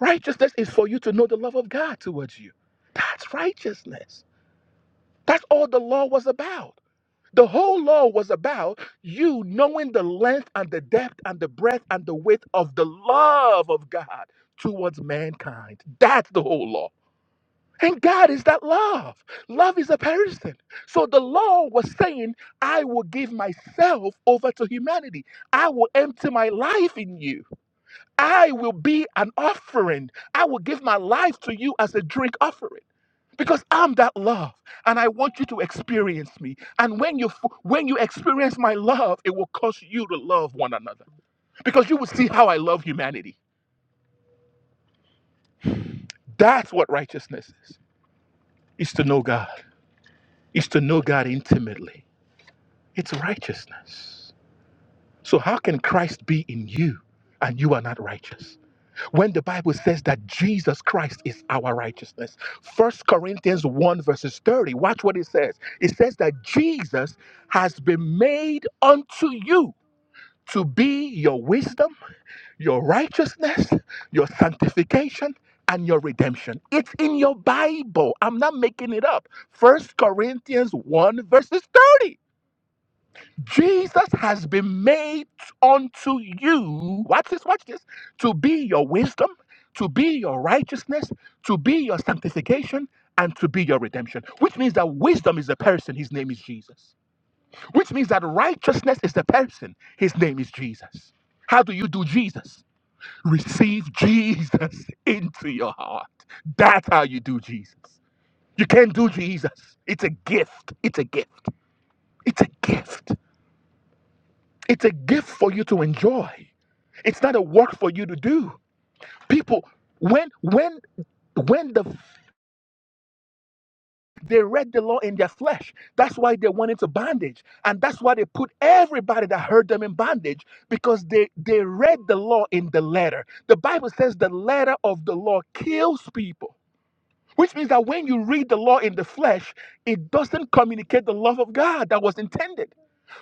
Speaker 2: Righteousness is for you to know the love of God towards you. That's righteousness. That's all the law was about. The whole law was about you knowing the length and the depth and the breadth and the width of the love of God towards mankind. That's the whole law. And God is that love. Love is a person. So the law was saying, I will give myself over to humanity. I will empty my life in you. I will be an offering. I will give my life to you as a drink offering. Because I'm that love and I want you to experience me. And when you f- when you experience my love, it will cause you to love one another. Because you will see how I love humanity. That's what righteousness is. It's to know God. It's to know God intimately It's righteousness. So, how can Christ be in you and you are not righteous? When the Bible says that Jesus Christ is our righteousness, First Corinthians 1, verses 30, watch what it says. It says that Jesus has been made unto you to be your wisdom, your righteousness, your sanctification. And your redemption. It's in your Bible. I'm not making it up. First Corinthians 1, verses 30. Jesus has been made unto you. Watch this, watch this. To be your wisdom, to be your righteousness, to be your sanctification, and to be your redemption. Which means that wisdom is the person, his name is Jesus. Which means that righteousness is the person, his name is Jesus. How do you do Jesus? Receive Jesus into your heart. That's how you do Jesus. You can't do Jesus. It's a gift. It's a gift. It's a gift. It's a gift for you to enjoy. It's not a work for you to do. People, when when when the they read the law in their flesh, that's why they went into bondage, and that's why they put everybody that heard them in bondage because they they read the law in the letter. The Bible says the letter of the law kills people. Which means that when you read the law in the flesh, it doesn't communicate the love of God that was intended.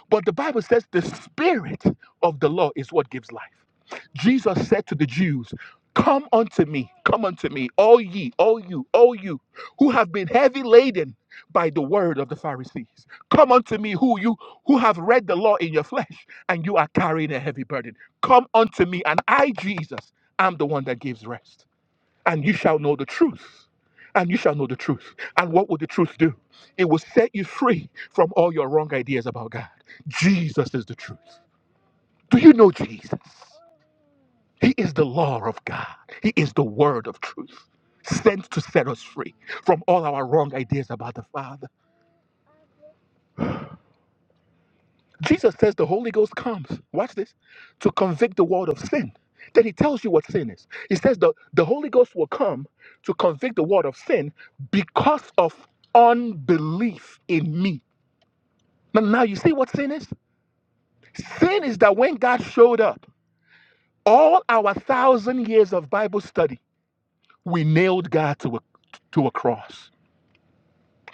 Speaker 2: But the Bible says the Spirit of the law is what gives life. Jesus said to the Jews, Come unto me, come unto me, all ye, all you, all you who have been heavy laden by the word of the Pharisees. Come unto me, who you who have read the law in your flesh and you are carrying a heavy burden. Come unto me, and I, Jesus, am the one that gives rest and you shall know the truth. And you shall know the truth. And what will the truth do? It will set you free from all your wrong ideas about God. Jesus is the truth. Do you know Jesus? He is the law of God, He is the word of truth, sent to set us free from all our wrong ideas about the Father. Jesus says the Holy Ghost comes, watch this, to convict the world of sin. Then he tells you what sin is. He says the, the Holy Ghost will come to convict the world of sin because of unbelief in me. Now, now you see what sin is? Sin is that when God showed up, all our thousand years of Bible study, we nailed God to a, to a cross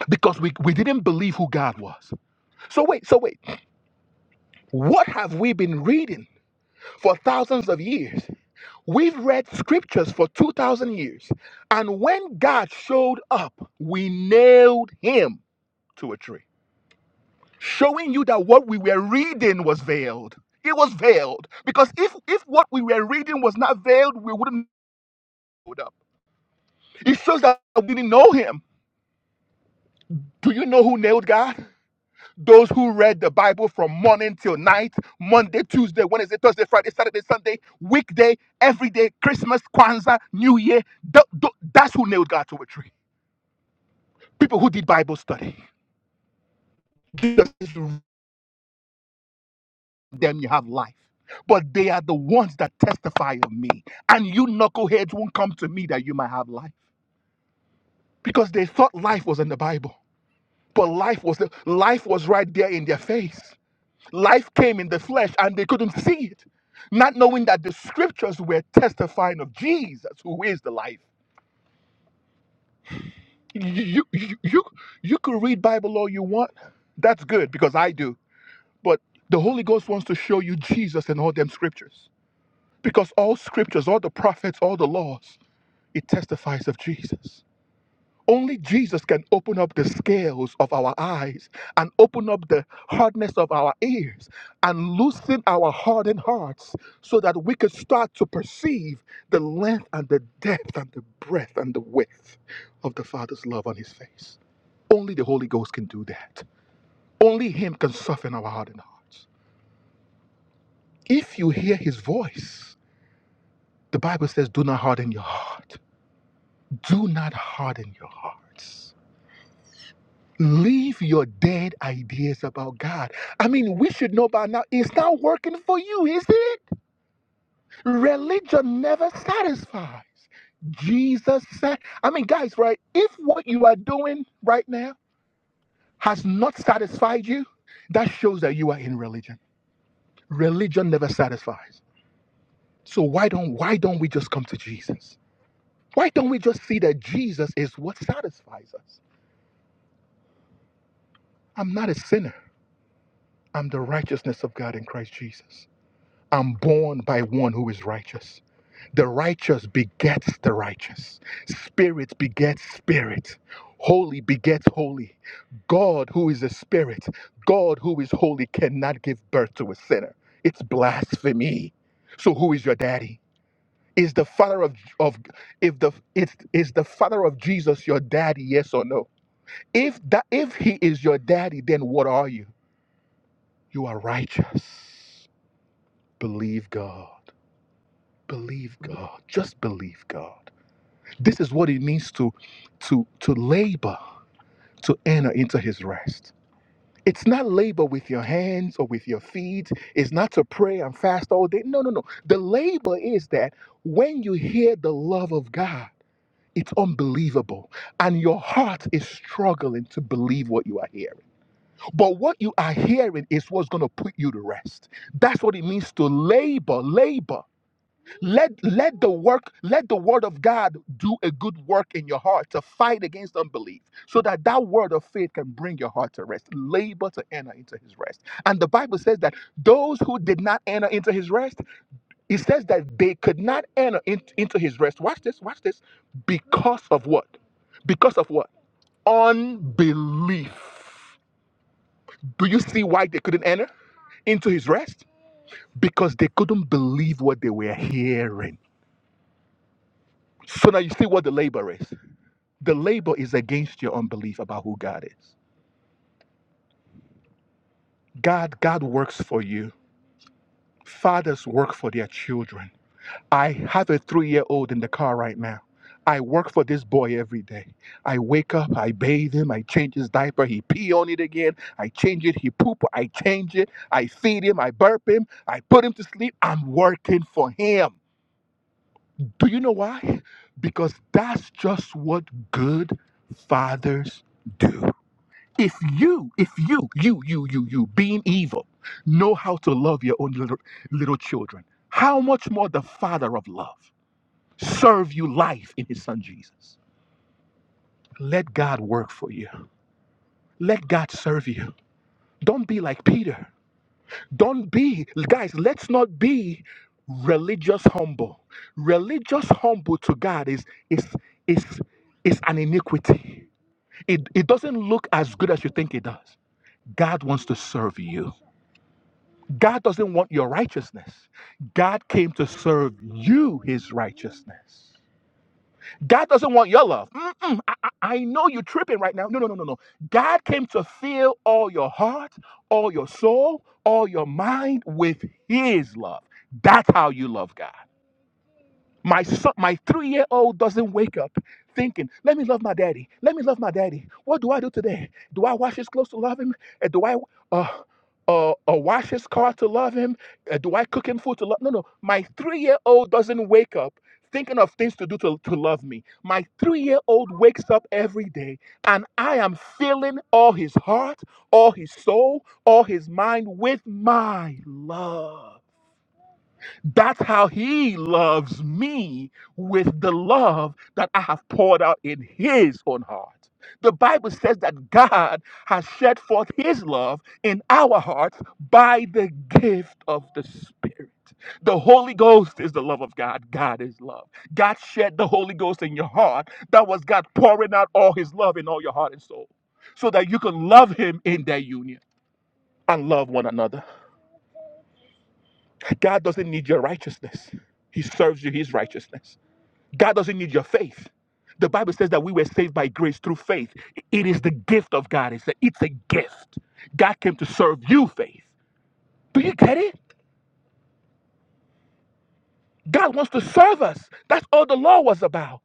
Speaker 2: because we, we didn't believe who God was. So wait, so wait, what have we been reading for thousands of years? We've read scriptures for 2,000 years, and when God showed up, we nailed him to a tree, showing you that what we were reading was veiled. It was veiled because if, if what we were reading was not veiled, we wouldn't have showed up. It shows that we didn't know him. Do you know who nailed God? Those who read the Bible from morning till night, Monday, Tuesday, Wednesday, Thursday, Friday, Saturday, Sunday, weekday, every day, Christmas, Kwanzaa, New Year. Th- th- that's who nailed God to a tree. People who did Bible study, Jesus is them you have life. But they are the ones that testify of me. And you knuckleheads won't come to me that you might have life. Because they thought life was in the Bible. But life was life was right there in their face. Life came in the flesh and they couldn't see it. Not knowing that the scriptures were testifying of Jesus, who is the life. You, you, you, you you could read Bible all you want. That's good because I do But the Holy Ghost wants to show you Jesus in all them scriptures. Because all scriptures, all the prophets, all the laws, it testifies of Jesus. Only Jesus can open up the scales of our eyes and open up the hardness of our ears and loosen our hardened hearts so that we could start to perceive the length and the depth and the breadth and the width of the Father's love on his face. Only the Holy Ghost can do that. Only Him can soften our hardened hearts. If you hear his voice, the Bible says, do not harden your heart. Do not harden your hearts. Leave your dead ideas about God. I mean, we should know by now it's not working for you, is it? Religion never satisfies. Jesus said, I mean, guys, right? If what you are doing right now has not satisfied you, that shows that you are in religion. Religion never satisfies. So why don't why don't we just come to Jesus? Why don't we just see that Jesus is what satisfies us? I'm not a sinner. I'm the righteousness of God in Christ Jesus. I'm born by one who is righteous. The righteous begets the righteous. Spirit begets spirit. Holy begets holy. God, who is a spirit, God, who is holy, cannot give birth to a sinner. It's blasphemy. So, who is your daddy? Is the father of, of if the it's is the father of Jesus your daddy? Yes or no? If that if he is your daddy, then what are you? You are righteous. Believe God. Believe God. Just believe God. This is what it means to to to labor to enter into his rest. It's not labor with your hands or with your feet. It's not to pray and fast all day. No, no, no. The labor is that when you hear the love of God, it's unbelievable. And your heart is struggling to believe what you are hearing. But what you are hearing is what's going to put you to rest. That's what it means to labor, labor. Let let the work, let the word of God do a good work in your heart to fight against unbelief, so that that word of faith can bring your heart to rest. Labor to enter into His rest. And the Bible says that those who did not enter into His rest, it says that they could not enter in- into His rest. Watch this, watch this, because of what? Because of what? Unbelief. Do you see why they couldn't enter? into his rest because they couldn't believe what they were hearing. So now you see what the labor is. The labor is against your unbelief about who God is. God, God works for you. Fathers work for their children. I have a three-year-old in the car right now. I work for this boy every day. I wake up, I bathe him, I change his diaper, he pee on it again, I change it, he poop, I change it, I feed him, I burp him, I put him to sleep. I'm working for him. Do you know why? Because that's just what good fathers do. If you, if you, you, you, you, you, being evil, know how to love your own little, little children, how much more the Father of love serve you life in His Son Jesus? Let God work for you. Let God serve you. Don't be like Peter. Don't be, guys, let's not be religious humble. Religious humble to God is is is is an iniquity. It it doesn't look as good as you think it does. God wants to serve you. God doesn't want your righteousness. God came to serve you his righteousness. God doesn't want your love. Mm-mm, I, I, I know you're tripping right now. No, no, no, no, no. God came to fill all your heart, all your soul, all your mind with His love. That's how you love God. My son, my three-year-old doesn't wake up thinking, "Let me love my daddy. Let me love my daddy. What do I do today? Do I wash his clothes to love him? Uh, Do I uh, uh, uh, wash his car to love him? Uh, do I cook him food to love?" No, no. My three-year-old doesn't wake up thinking of things to do to, to love me. My three-year-old wakes up every day, and I am filling all his heart, all his soul, all his mind with my love. That's how he loves me with the love that I have poured out in his own heart. The Bible says that God has shed forth his love in our hearts by the gift of the Spirit. The Holy Ghost is the love of God. God is love. God shed the Holy Ghost in your heart. That was God pouring out all his love in all your heart and soul so that you can love him in that union and love one another. God doesn't need your righteousness. He serves you his righteousness. God doesn't need your faith. The Bible says that we were saved by grace through faith. It is the gift of God. It's a, it's a gift. God came to serve you faith. Do you get it? God wants to serve us. That's all the law was about.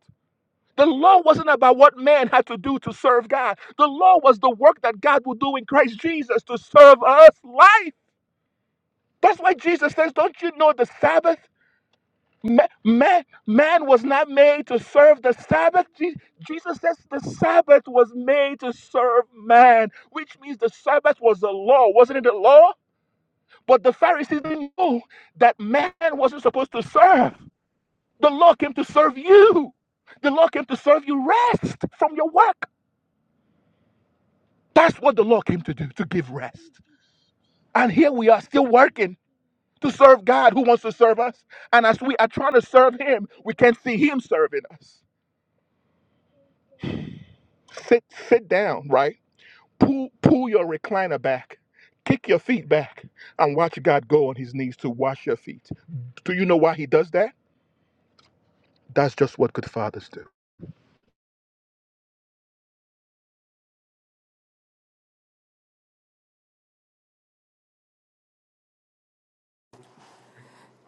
Speaker 2: The law wasn't about what man had to do to serve God. The law was the work that God will do in Christ Jesus to serve us life. That's why Jesus says, Don't you know the Sabbath? Ma- Man, man was not made to serve the Sabbath. Je- Jesus says the Sabbath was made to serve man, which means the Sabbath was the law. Wasn't it the law? But the Pharisees didn't know that man wasn't supposed to serve. The law came to serve you. The law came to serve you rest from your work. That's what the law came to do, to give rest. And here we are still working to serve God who wants to serve us. And as we are trying to serve Him, we can't see Him serving us. sit sit down right pull pull your recliner back kick your feet back and watch god go on his knees to wash your feet do you know why he does that that's just what good fathers do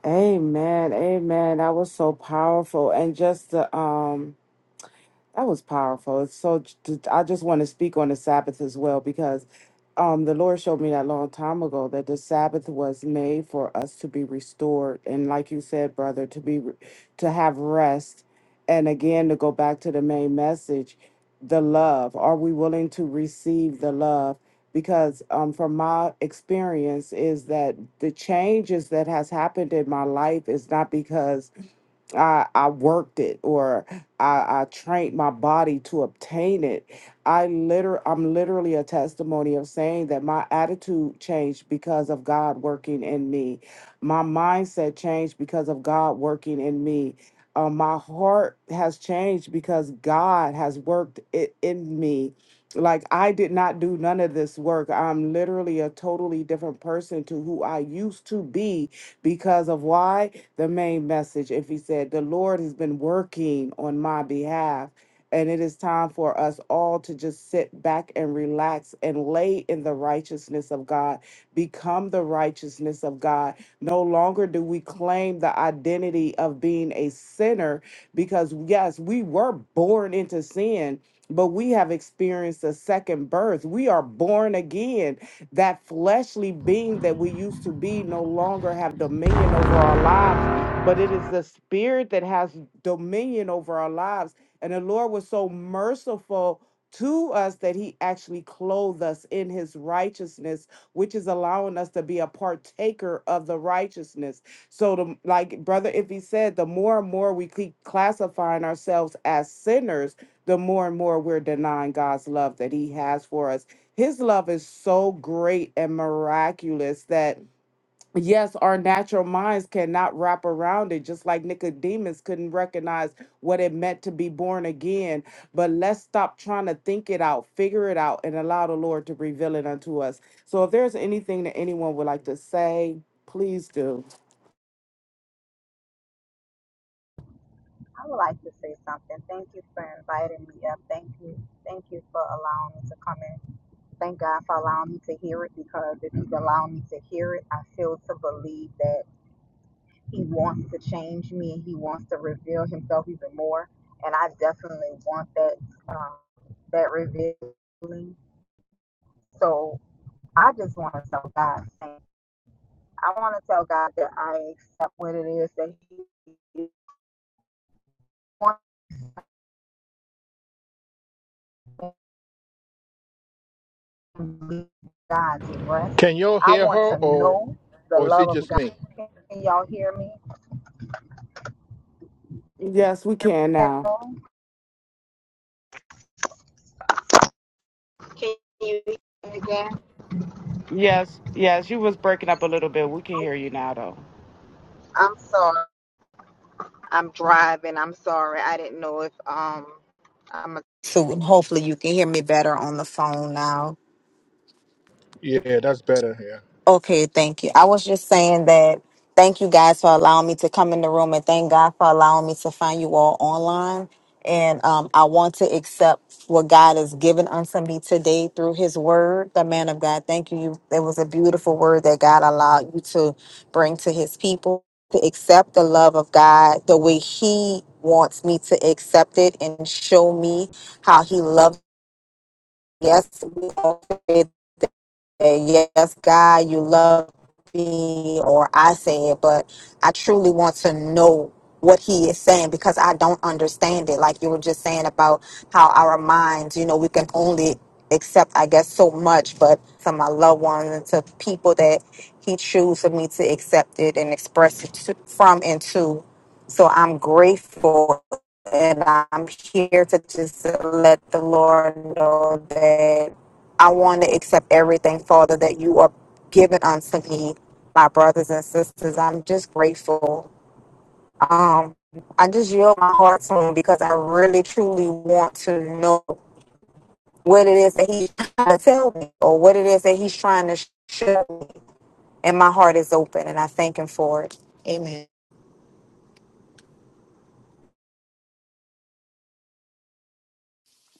Speaker 1: Amen. Amen. That was so powerful. And just the um That was powerful. It's so. j- I just want to speak on the Sabbath as well because um, the Lord showed me that long time ago that the Sabbath was made for us to be restored, and like you said, brother, to be re- to have rest, and again to go back to the main message, the love. Are we willing to receive the love? Because um, from my experience is that the changes that has happened in my life is not because I, I worked it or I, I trained my body to obtain it. I liter- I'm literally a testimony of saying that my attitude changed because of God working in me. My mindset changed because of God working in me. Uh, my heart has changed because God has worked it in me. Like I did not do none of this work. I'm literally a totally different person to who I used to be because of why? the main message if he said, The Lord has been working on my behalf. And it is time for us all to just sit back and relax and lay in the righteousness of God, become the righteousness of God. No longer do we claim the identity of being a sinner because, yes, we were born into sin, but we have experienced a second birth. We are born again that fleshly being that we used to be no longer have dominion over our lives, but it is the spirit that has dominion over our lives. And the Lord was so merciful to us that he actually clothed us in his righteousness, which is allowing us to be a partaker of the righteousness. So, the, like Brother Iffy said, the more and more we keep classifying ourselves as sinners, the more and more we're denying God's love that he has for us his love is so great and miraculous that, yes, our natural minds cannot wrap around it, just like Nicodemus couldn't recognize what it meant to be born again. But let's stop trying to think it out, figure it out, and allow the Lord to reveal it unto us. So if there's anything that anyone would like to say, please do.
Speaker 4: I would like to say something. Thank you for inviting me up. Thank you. Thank you for allowing me to come in. Thank God for allowing me to hear it because if He's allowed me to hear it, I feel to believe that He wants to change me and He wants to reveal Himself even more. And I definitely want that um, that revealing. So I just want to tell God. thank- you. I want to tell God that I accept what it is that He wants. God's rest.
Speaker 2: can y'all
Speaker 4: I
Speaker 2: hear
Speaker 4: want
Speaker 2: her
Speaker 4: to
Speaker 2: or
Speaker 4: know the
Speaker 2: or is
Speaker 4: love
Speaker 2: it
Speaker 4: of
Speaker 2: just
Speaker 4: God.
Speaker 2: me
Speaker 4: Can y'all hear me? Can you
Speaker 1: Yes, we
Speaker 4: hear me
Speaker 1: can
Speaker 4: at
Speaker 1: now.
Speaker 4: all? Can you hear me again?
Speaker 1: Yes, yes, you was breaking up a little bit. We can hear you now, though.
Speaker 4: I'm sorry. I'm driving. I'm sorry. I didn't know if um I'm a so hopefully you can hear me better on the phone now.
Speaker 2: yeah that's better yeah
Speaker 4: Okay, thank you. I was just saying that thank you guys for allowing me to come in the room and thank God for allowing me to find you all online. And um, I want to accept what God has given unto me today through his word, the man of God. Thank you. You- It was a beautiful word that God allowed you to bring to his people to accept the love of God the way he wants me to accept it and show me how he loves. Yes, we all and yes, God, you love me, or I say it, but I truly want to know what he is saying because I don't understand it. Like you were just saying about how our minds, you know, we can only accept, I guess, so much, but to my loved ones and to people that he chooses for me to accept it and express it to, from and to. So I'm grateful and I'm here to just let the Lord know that I want to accept everything, Father, that you are giving unto me, my brothers and sisters. I'm just grateful. Um, I just yield my heart to him because I really truly want to know what it is that he's trying to tell me or what it is that he's trying to show me. And my heart is open and I thank him for it. Amen.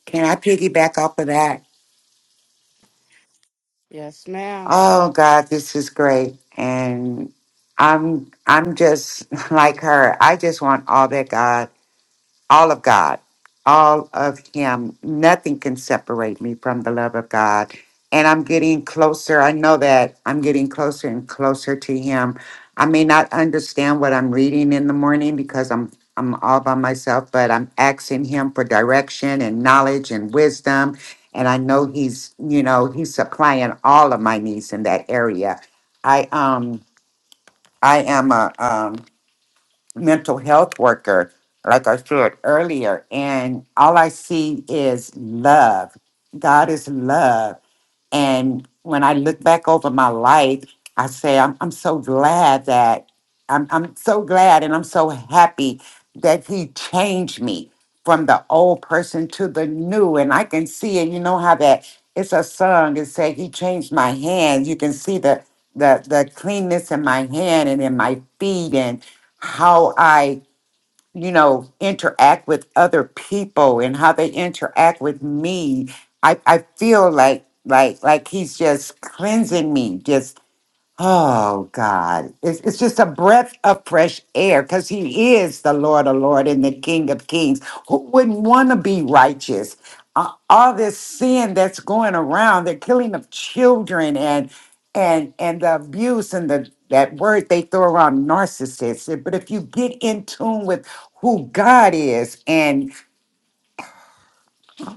Speaker 5: Can I piggyback off of that?
Speaker 1: Yes, ma'am.
Speaker 5: Oh God, this is great. And I'm I'm just like her. I just want all that God all of God, all of Him. Nothing can separate me from the love of God. And I'm getting closer. I know that I'm getting closer and closer to Him. I may not understand what I'm reading in the morning because I'm I'm all by myself, but I'm asking Him for direction and knowledge and wisdom. And I know He's, you know, He's supplying all of my needs in that area. I um I am a um mental health worker, like I said earlier, and all I see is love. God is love and when I look back over my life, I say, I'm, I'm so glad that I'm, I'm so glad and I'm so happy that he changed me from the old person to the new. And I can see it. You know how that it's a song that say he changed my hands. You can see the the the cleanness in my hand and in my feet and how I you know, interact with other people and how they interact with me. I, I feel like like like he's just cleansing me, just Oh God. It's it's just a breath of fresh air because he is the Lord of Lord and the King of Kings. Who wouldn't want to be righteous? Uh, all this sin that's going around, the killing of children and and and the abuse and the that word they throw around narcissist. But if you get in tune with who God is and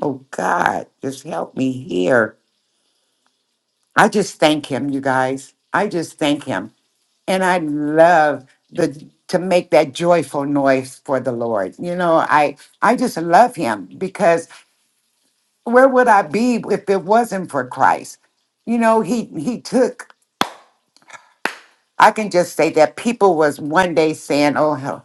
Speaker 5: oh God, just help me here. I just thank him, you guys. I just thank him. And I love the to make that joyful noise for the Lord. You know, I I just love him because where would I be if it wasn't for Christ? You know, he he took I can just say that people was one day saying, "Oh, ho-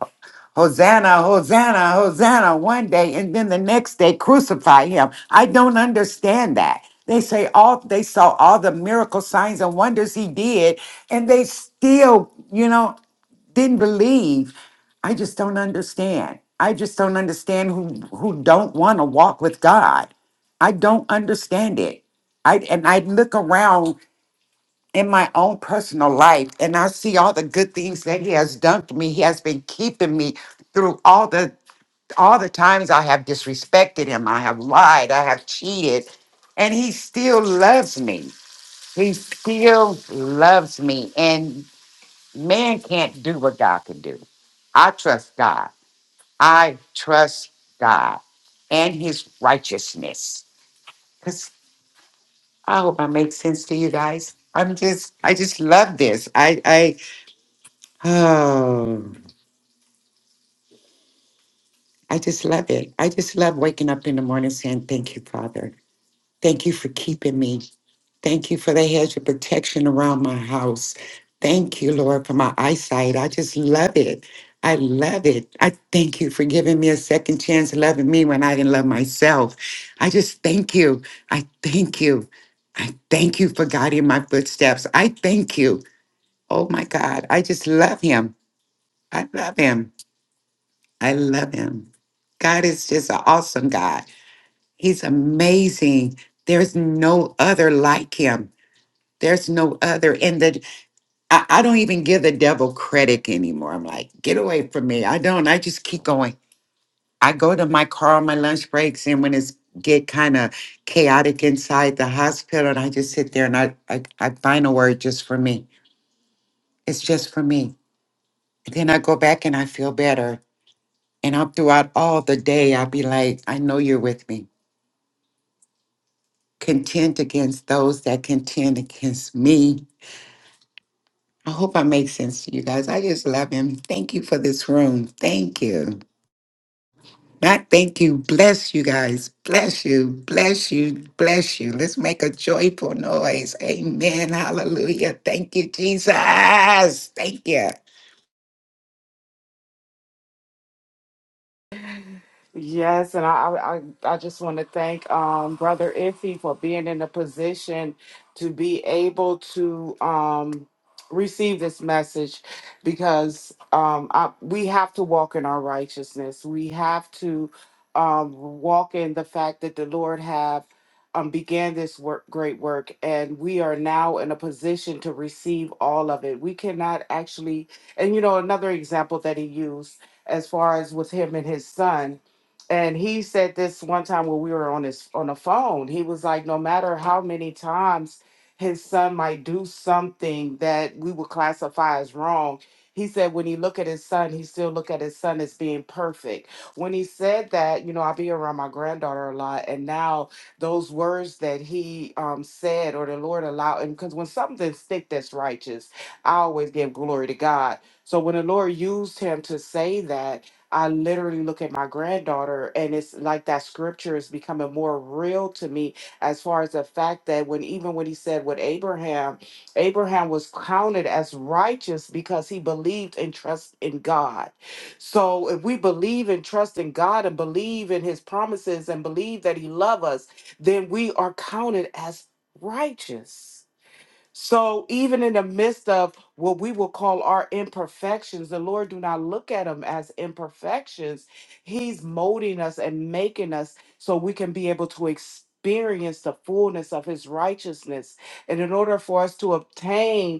Speaker 5: Hosanna, Hosanna, Hosanna," one day and then the next day crucify him. I don't understand that. They say all they saw all the miracle signs and wonders he did and they still, you know, didn't believe. I just don't understand. I just don't understand who who don't want to walk with God. I don't understand it. I and I look around in my own personal life and I see all the good things that he has done for me. He has been keeping me through all the all the times I have disrespected him. I have lied, I have cheated, and he still loves me. He still loves me. And Man can't do what God can do. I trust God. I trust God and his righteousness. Because I hope I make sense to you guys. I'm just, I just love this. I, I, oh, I just love it. I just love waking up in the morning saying, Thank you, Father. Thank you for keeping me. Thank you for the hedge of protection around my house. Thank you, Lord, for my eyesight. I just love it. I love it. I thank you for giving me a second chance, loving me when I didn't love myself. I just thank you. I thank you. I thank you for guiding my footsteps. I thank you. Oh my God. I just love him. I love him. I love him. God is just an awesome God. He's amazing. There's no other like him. There's no other. And the I, I don't even give the devil credit anymore. I'm like, get away from me. I don't. I just keep going. I go to my car on my lunch breaks, and when it's get kind of chaotic inside the hospital, and I just sit there and I, I I find a word just for me. It's just for me. And then I go back and I feel better. And I'm throughout all the day, I'll be like, I know you're with me. Contend against those that contend against me. I hope I make sense to you guys. I just love him. Thank you for this room. Thank you. Not thank you. Bless you guys. Bless you. Bless you. Bless you. Let's make a joyful noise. Amen. Hallelujah. Thank you, Jesus. Thank you.
Speaker 1: Yes, and I I, I just want to thank um, Brother Iffy for being in a position to be able to um, receive this message, because um, I, we have to walk in our righteousness. We have to um, walk in the fact that the Lord have um, began this work, great work, and we are now in a position to receive all of it. We cannot actually, and you know, another example that he used as far as with him and his son and he said this one time when we were on his on the phone he was like no matter how many times his son might do something that we would classify as wrong he said when he look at his son he still look at his son as being perfect when he said that you know i be around my granddaughter a lot and now those words that he um, said or the lord allowed and because when something stick that's righteous i always give glory to god so when the lord used him to say that I literally look at my granddaughter, and it's like that scripture is becoming more real to me as far as the fact that when even when he said with Abraham, Abraham was counted as righteous because he believed and trust in God. So if we believe and trust in God and believe in his promises and believe that he loves us, then we are counted as righteous. So even in the midst of what we will call our imperfections, the Lord do not look at them as imperfections. He's molding us and making us so we can be able to experience the fullness of his righteousness. And in order for us to obtain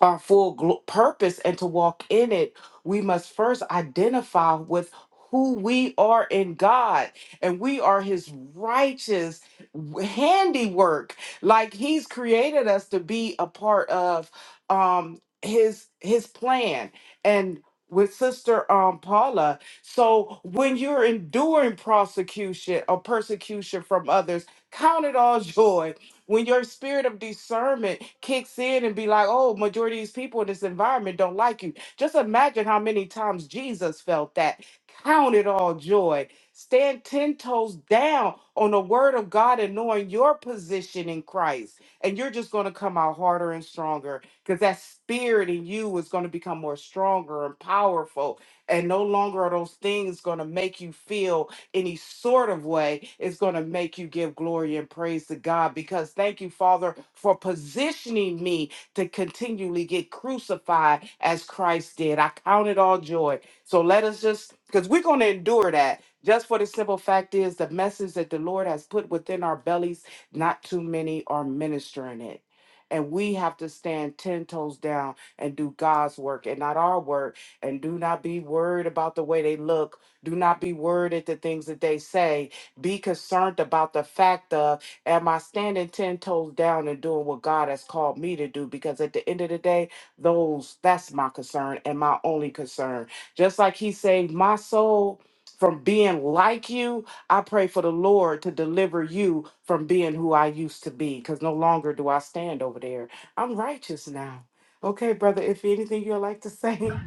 Speaker 1: our full glo- purpose and to walk in it, we must first identify with who we are in God and we are his righteous w- handiwork. Like he's created us to be a part of um his his plan and with sister um Paula. So when you're enduring prosecution or persecution from others, count it all joy when your spirit of discernment kicks in and be like, oh, majority of these people in this environment don't like you. Just imagine how many times Jesus felt that. Count it all joy. Stand 10 toes down on the word of God and knowing your position in Christ. And you're just going to come out harder and stronger because that spirit in you is going to become more stronger and powerful. And no longer are those things going to make you feel any sort of way is going to make you give glory and praise to God. Because thank you, Father, for positioning me to continually get crucified as Christ did. I count it all joy. So let us just, because we're going to endure that. Just for the simple fact is, the message that the Lord has put within our bellies, not too many are ministering it. And we have to stand 10 toes down and do God's work and not our work. And do not be worried about the way they look do not be worried at the things that they say. Be concerned about the fact of, am I standing 10 toes down and doing what God has called me to do? Because at the end of the day, those, that's my concern and my only concern. Just like He saved my soul from being like you, I pray for the Lord to deliver you from being who I used to be, because no longer do I stand over there. I'm righteous now. Okay, brother, if anything you'd like to say,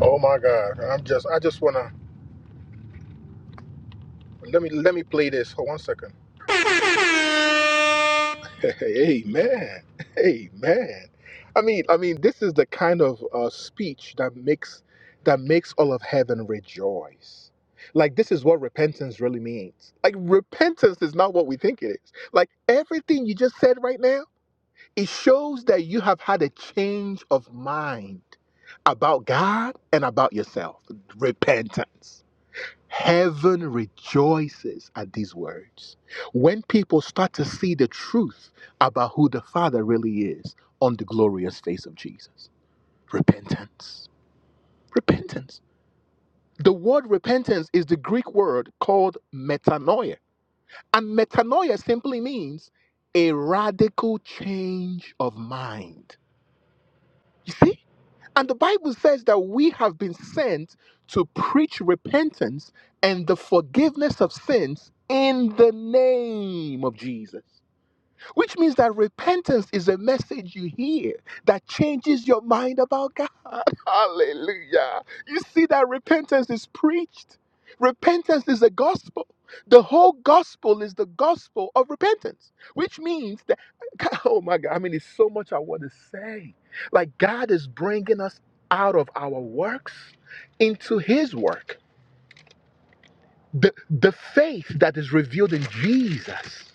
Speaker 2: oh my god i'm just i just wanna let me let me play this hold one second Amen. Amen. I mean, I mean, this is the kind of uh, speech that makes that makes all of heaven rejoice. Like this is what repentance really means. Like repentance is not what we think it is. Like everything you just said right now, it shows that you have had a change of mind about God and about yourself. Repentance. Heaven rejoices at these words. When people start to see the truth about who the Father really is on the glorious face of Jesus. Repentance. Repentance. The word repentance is the Greek word called metanoia. And metanoia simply means a radical change of mind. You see? And the Bible says that we have been sent to preach repentance and the forgiveness of sins in the name of Jesus which means that repentance is a message you hear that changes your mind about God. Hallelujah. You see that repentance is preached. Repentance is the gospel. The whole gospel is the gospel of repentance, which means that, oh my God, I mean, it's so much I want to say. Like, God is bringing us out of our works into His work. The, the faith that is revealed in Jesus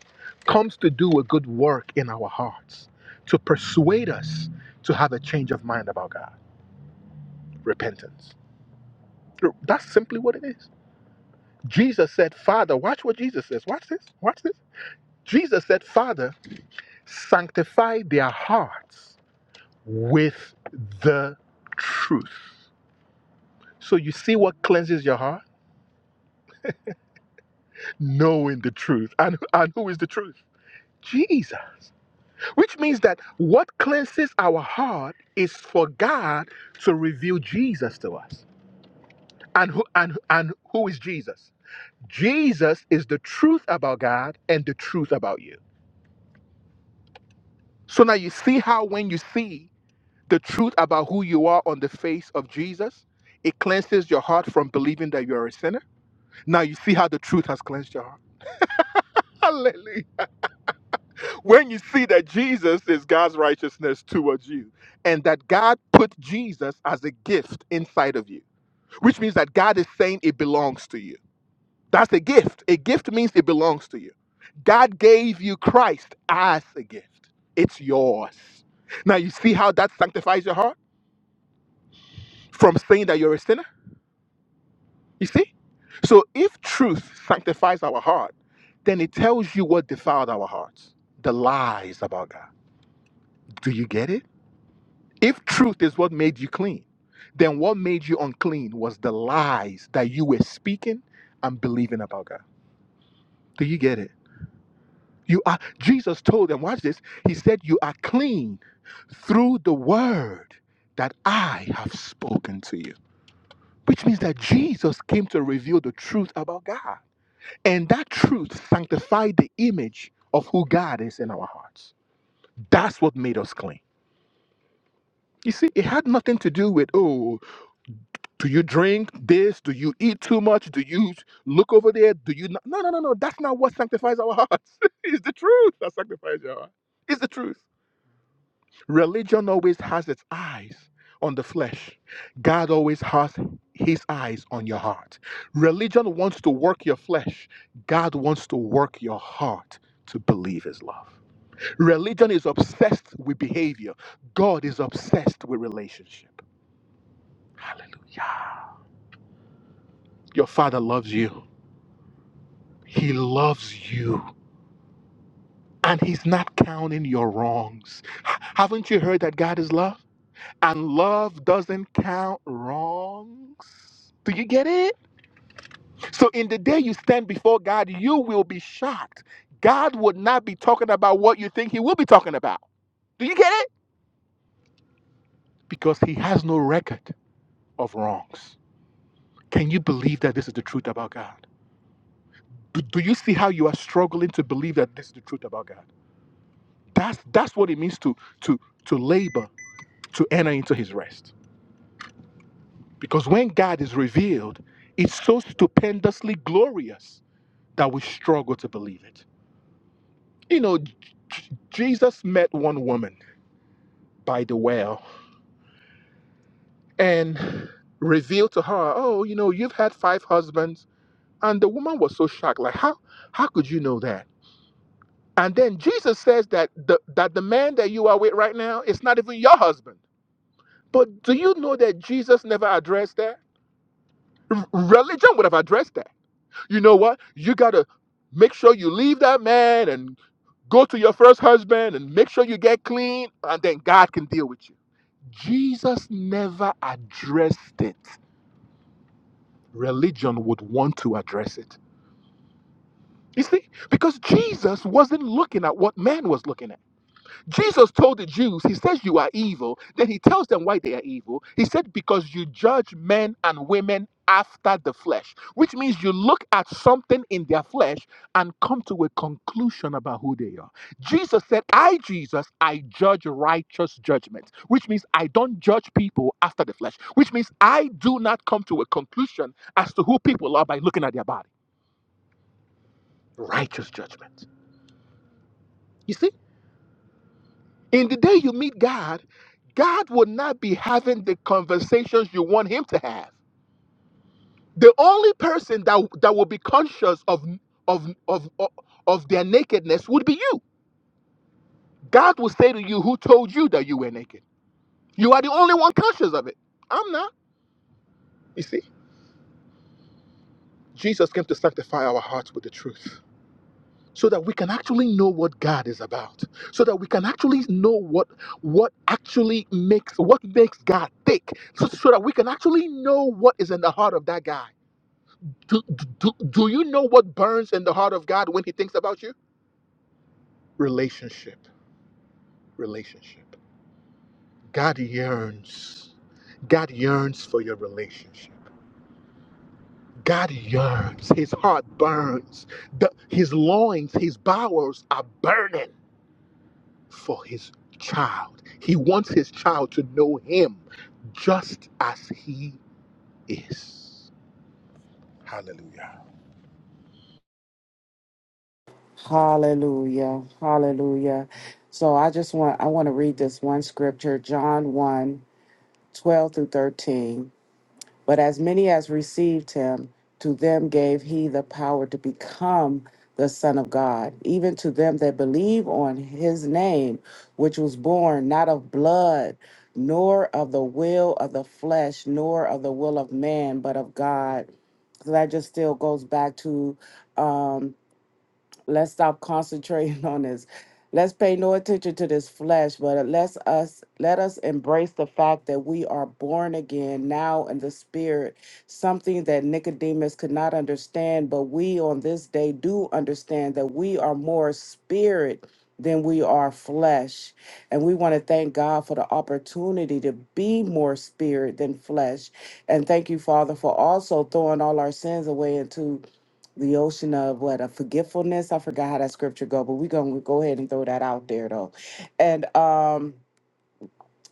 Speaker 2: comes to do a good work in our hearts, to persuade us to have a change of mind about God. Repentance. That's simply what it is. Jesus said, Father, watch what Jesus says. Watch this. Watch this. Jesus said, Father, sanctify their hearts with the truth. So you see what cleanses your heart? Knowing the truth. And, and who is the truth? Jesus. Which means that what cleanses our heart is for God to reveal Jesus to us. And who and and who is Jesus? Jesus is the truth about God and the truth about you. So now you see how when you see the truth about who you are on the face of Jesus, it cleanses your heart from believing that you are a sinner. Now you see how the truth has cleansed your heart. Hallelujah. when you see that Jesus is God's righteousness towards you, and that God put Jesus as a gift inside of you, which means that God is saying it belongs to you. That's a gift. A gift means it belongs to you. God gave you Christ as a gift, it's yours. Now, you see how that sanctifies your heart from saying that you're a sinner? You see? So, if truth sanctifies our heart, then it tells you what defiled our hearts the lies about God. Do you get it? If truth is what made you clean, then what made you unclean was the lies that you were speaking and believing about God. Do you get it? You are Jesus told them, watch this. He said, You are clean through the word that I have spoken to you. Which means that Jesus came to reveal the truth about God. And that truth sanctified the image of who God is in our hearts. That's what made us clean. You see, it had nothing to do with, oh, Do you drink this? Do you eat too much? Do you look over there? Do you not? No, no, no, no. That's not what sanctifies our hearts. it's the truth that sanctifies your heart. It's the truth. Religion always has its eyes on the flesh. God always has his eyes on your heart. Religion wants to work your flesh. God wants to work your heart to believe his love. Religion is obsessed with behavior. God is obsessed with relationship. Yeah. Your father loves you. He loves you and he's not counting your wrongs. H- Haven't you heard that God is love? And love doesn't count wrongs. Do you get it? So, in the day you stand before God, you will be shocked. God would not be talking about what you think he will be talking about. Do you get it? Because he has no record of wrongs. Can you believe that this is the truth about God? Do, do you see how you are struggling to believe that this is the truth about God? That's that's what it means to to to labor to enter into his rest. Because when God is revealed, it's so stupendously glorious that we struggle to believe it. You know, J- J- Jesus met one woman by the well and revealed to her, "Oh, you know, you've had five husbands." And the woman was so shocked, like, "How how could you know that?" And then Jesus says that the, that the man that you are with right now is not even your husband. But do you know that Jesus never addressed that? R- religion would have addressed that you know what? You got to make sure you leave that man and go to your first husband and make sure you get clean, and then God can deal with you. Jesus never addressed it. Religion would want to address it. You see, because Jesus wasn't looking at what man was looking at. Jesus told the Jews, He says, You are evil. Then He tells them why they are evil. He said, Because you judge men and women after the flesh, which means you look at something in their flesh and come to a conclusion about who they are. Jesus said, I, Jesus, I judge righteous judgment, which means I don't judge people after the flesh, which means I do not come to a conclusion as to who people are by looking at their body. Righteous judgment. You see? In the day you meet God, God will not be having the conversations you want Him to have. The only person that, that will be conscious of, of, of, of, of their nakedness would be you. God will say to you, Who told you that you were naked? You are the only one conscious of it. I'm not. You see, Jesus came to sanctify our hearts with the truth. so that we can actually know what God is about, so that we can actually know what what actually makes what makes God tick, so, so that we can actually know what is in the heart of that guy. Do, do, do you know what burns in the heart of God when he thinks about you? Relationship. Relationship. God yearns. God yearns for your relationship. God yearns. His heart burns. The- his loins, his bowels are burning for his child. He wants his child to know him just as he is. Hallelujah.
Speaker 1: Hallelujah. Hallelujah. So I just want I want to read this one scripture, John one 12 through 13. But as many as received him, to them gave he the power to become the Son of God, even to them that believe on his name, which was born not of blood, nor of the will of the flesh, nor of the will of man, but of God. So that just still goes back to um Let's stop concentrating on this. Let's pay no attention to this flesh, but let's us let us embrace the fact that we are born again now in the spirit, something that Nicodemus could not understand, but we on this day do understand that we are more spirit than we are flesh. And we want to thank God for the opportunity to be more spirit than flesh. And thank you, Father, for also throwing all our sins away into the ocean of what a forgetfulness. I forgot how that scripture go, but we're gonna go ahead and throw that out there though. And um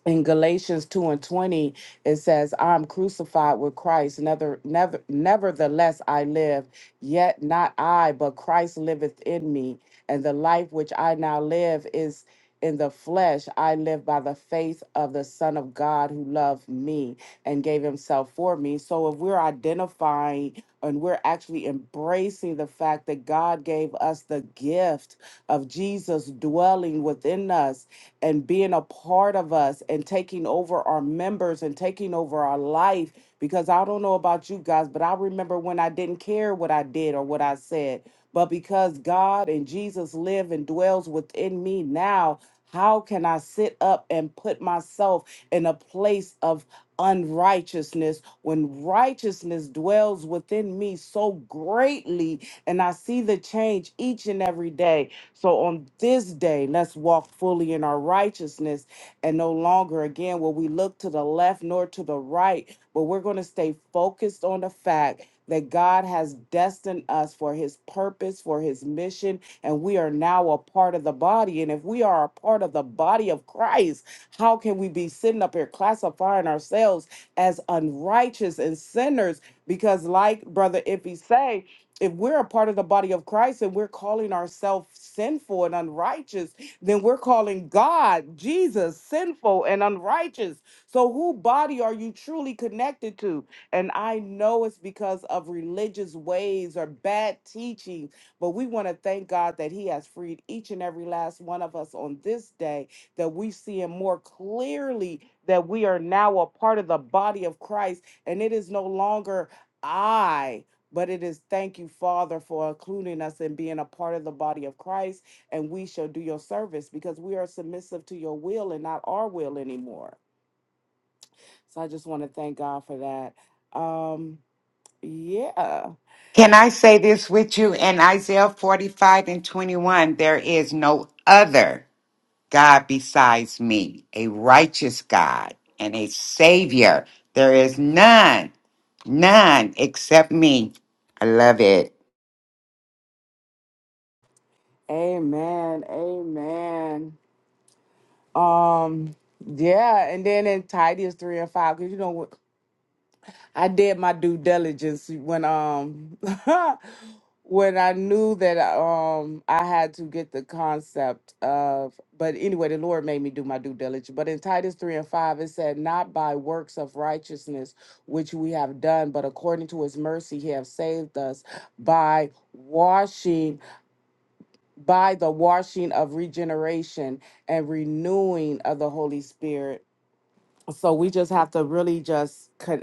Speaker 1: in Galatians 2 and 20, it says, I'm crucified with Christ. Never, never, nevertheless, I live, yet not I, but Christ liveth in me. And the life which I now live is in the flesh. I live by the faith of the Son of God who loved me and gave himself for me. So if we're identifying and we're actually embracing the fact that God gave us the gift of Jesus dwelling within us and being a part of us and taking over our members and taking over our life. Because I don't know about you guys, but I remember when I didn't care what I did or what I said. But because God and Jesus live and dwells within me now, how can I sit up and put myself in a place of unrighteousness when righteousness dwells within me so greatly? And I see the change each and every day. So on this day, let's walk fully in our righteousness and no longer again will we look to the left nor to the right, but we're going to stay focused on the fact that God has destined us for his purpose, for his mission, and we are now a part of the body. And if we are a part of the body of Christ, how can we be sitting up here classifying ourselves as unrighteous and sinners? Because, like Brother Iffy say, if we're a part of the body of Christ and we're calling ourselves sinful and unrighteous, then we're calling God, Jesus, sinful and unrighteous. So, who body are you truly connected to? And I know it's because of religious ways or bad teaching, but we want to thank God that He has freed each and every last one of us on this day, that we see Him more clearly that we are now a part of the body of Christ and it is no longer. I but it is thank you, Father, for including us and being a part of the body of Christ. And we shall do your service because we are submissive to your will and not our will anymore. So I just want to thank God for that. Um, yeah.
Speaker 5: Can I say this with you? In Isaiah 45 and 21, there is no other God besides me, a righteous God and a Savior. There is none, none except me. I love it.
Speaker 1: Amen. Amen. Um, yeah. And then in Titus 3 and 5, because you know, I did my due diligence when um when I knew that um I had to get the concept of but anyway the Lord made me do my due diligence. But in Titus 3 and 5 it said, Not by works of righteousness which we have done, but according to his mercy he have saved us by washing by the washing of regeneration and renewing of the Holy Spirit. So we just have to really just cut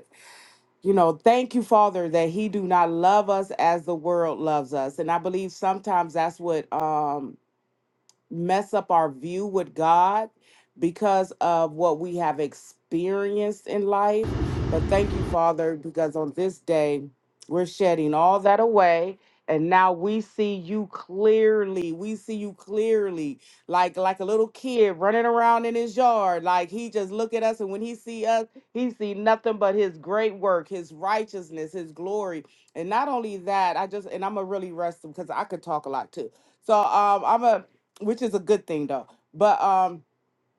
Speaker 1: you know thank you father that he do not love us as the world loves us and i believe sometimes that's what um mess up our view with God because of what we have experienced in life. But thank you, Father, because on this day, we're shedding all that away. And now we see you clearly. We see you clearly, like like a little kid running around in his yard. Like he just look at us, and when he see us, he see nothing but his great work, his righteousness, his glory. And not only that, I just and I'm gonna really rest him because I could talk a lot too. So um, I'm gonna which is a good thing though. But um,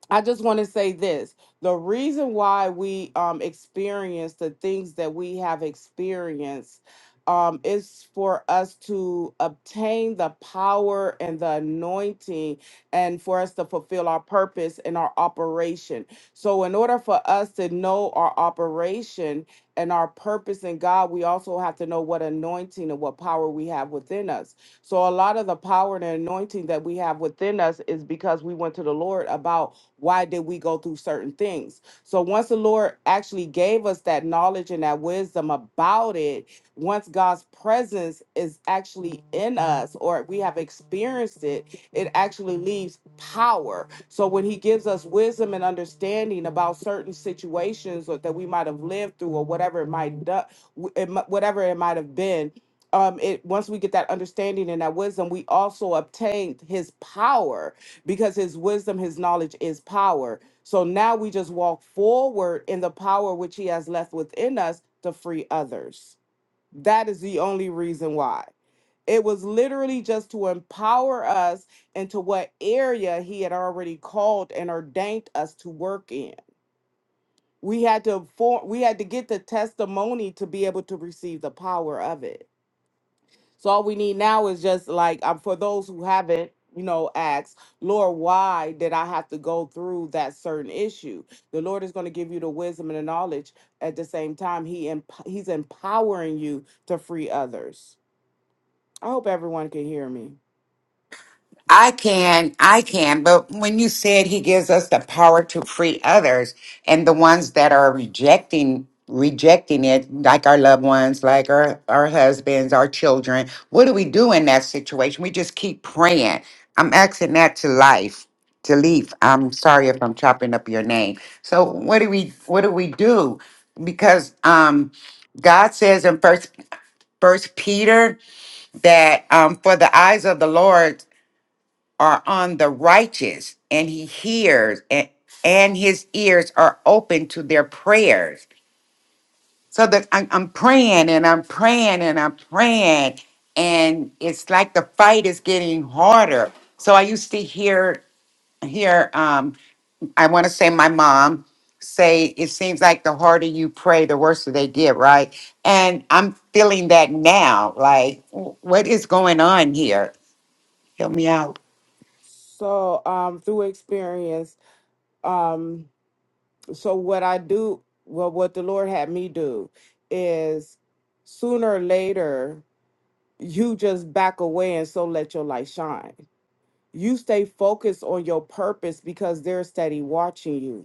Speaker 1: I just want to say this. The reason why we um, experience the things that we have experienced um, is for us to obtain the power and the anointing and for us to fulfill our purpose and our operation. So, in order for us to know our operation and our purpose in God, we also have to know what anointing and what power we have within us. So, a lot of the power and anointing that we have within us is because we went to the Lord about why did we go through certain things so once the lord actually gave us that knowledge and that wisdom about it once god's presence is actually in us or we have experienced it it actually leaves power so when he gives us wisdom and understanding about certain situations or that we might have lived through or whatever it might do, it, mi- whatever it might have been um it once we get that understanding and that wisdom we also obtained his power because his wisdom, his knowledge is power. So now we just walk forward in the power which he has left within us to free others. That is the only reason why. It was literally just to empower us into what area he had already called and ordained us to work in. We had to form, we had to get the testimony to be able to receive the power of it. So all we need now is just like um, for those who haven't, you know, asked, Lord, why did I have to go through that certain issue? The Lord is going to give you the wisdom and the knowledge. At the same time, He emp- He's empowering you to free others. I hope everyone can hear me.
Speaker 5: I can, I can, but when you said he gives us the power to free others and the ones that are rejecting rejecting it, like our loved ones, like our, our husbands, our children, what do we do in that situation? We just keep praying. I'm asking that to life, to leaf. I'm sorry if I'm chopping up your name. So what do we what do we do? Because um God says in first first Peter that um for the eyes of the Lord are on the righteous and he hears and, and his ears are open to their prayers so that I'm, I'm praying and i'm praying and i'm praying and it's like the fight is getting harder so i used to hear hear um i want to say my mom say it seems like the harder you pray the worse they get right and i'm feeling that now like w- what is going on here help me out
Speaker 1: So um, through experience, um, so what I do, well, what the Lord had me do is sooner or later you just back away and so let your light shine You stay focused on your purpose because they're steady watching you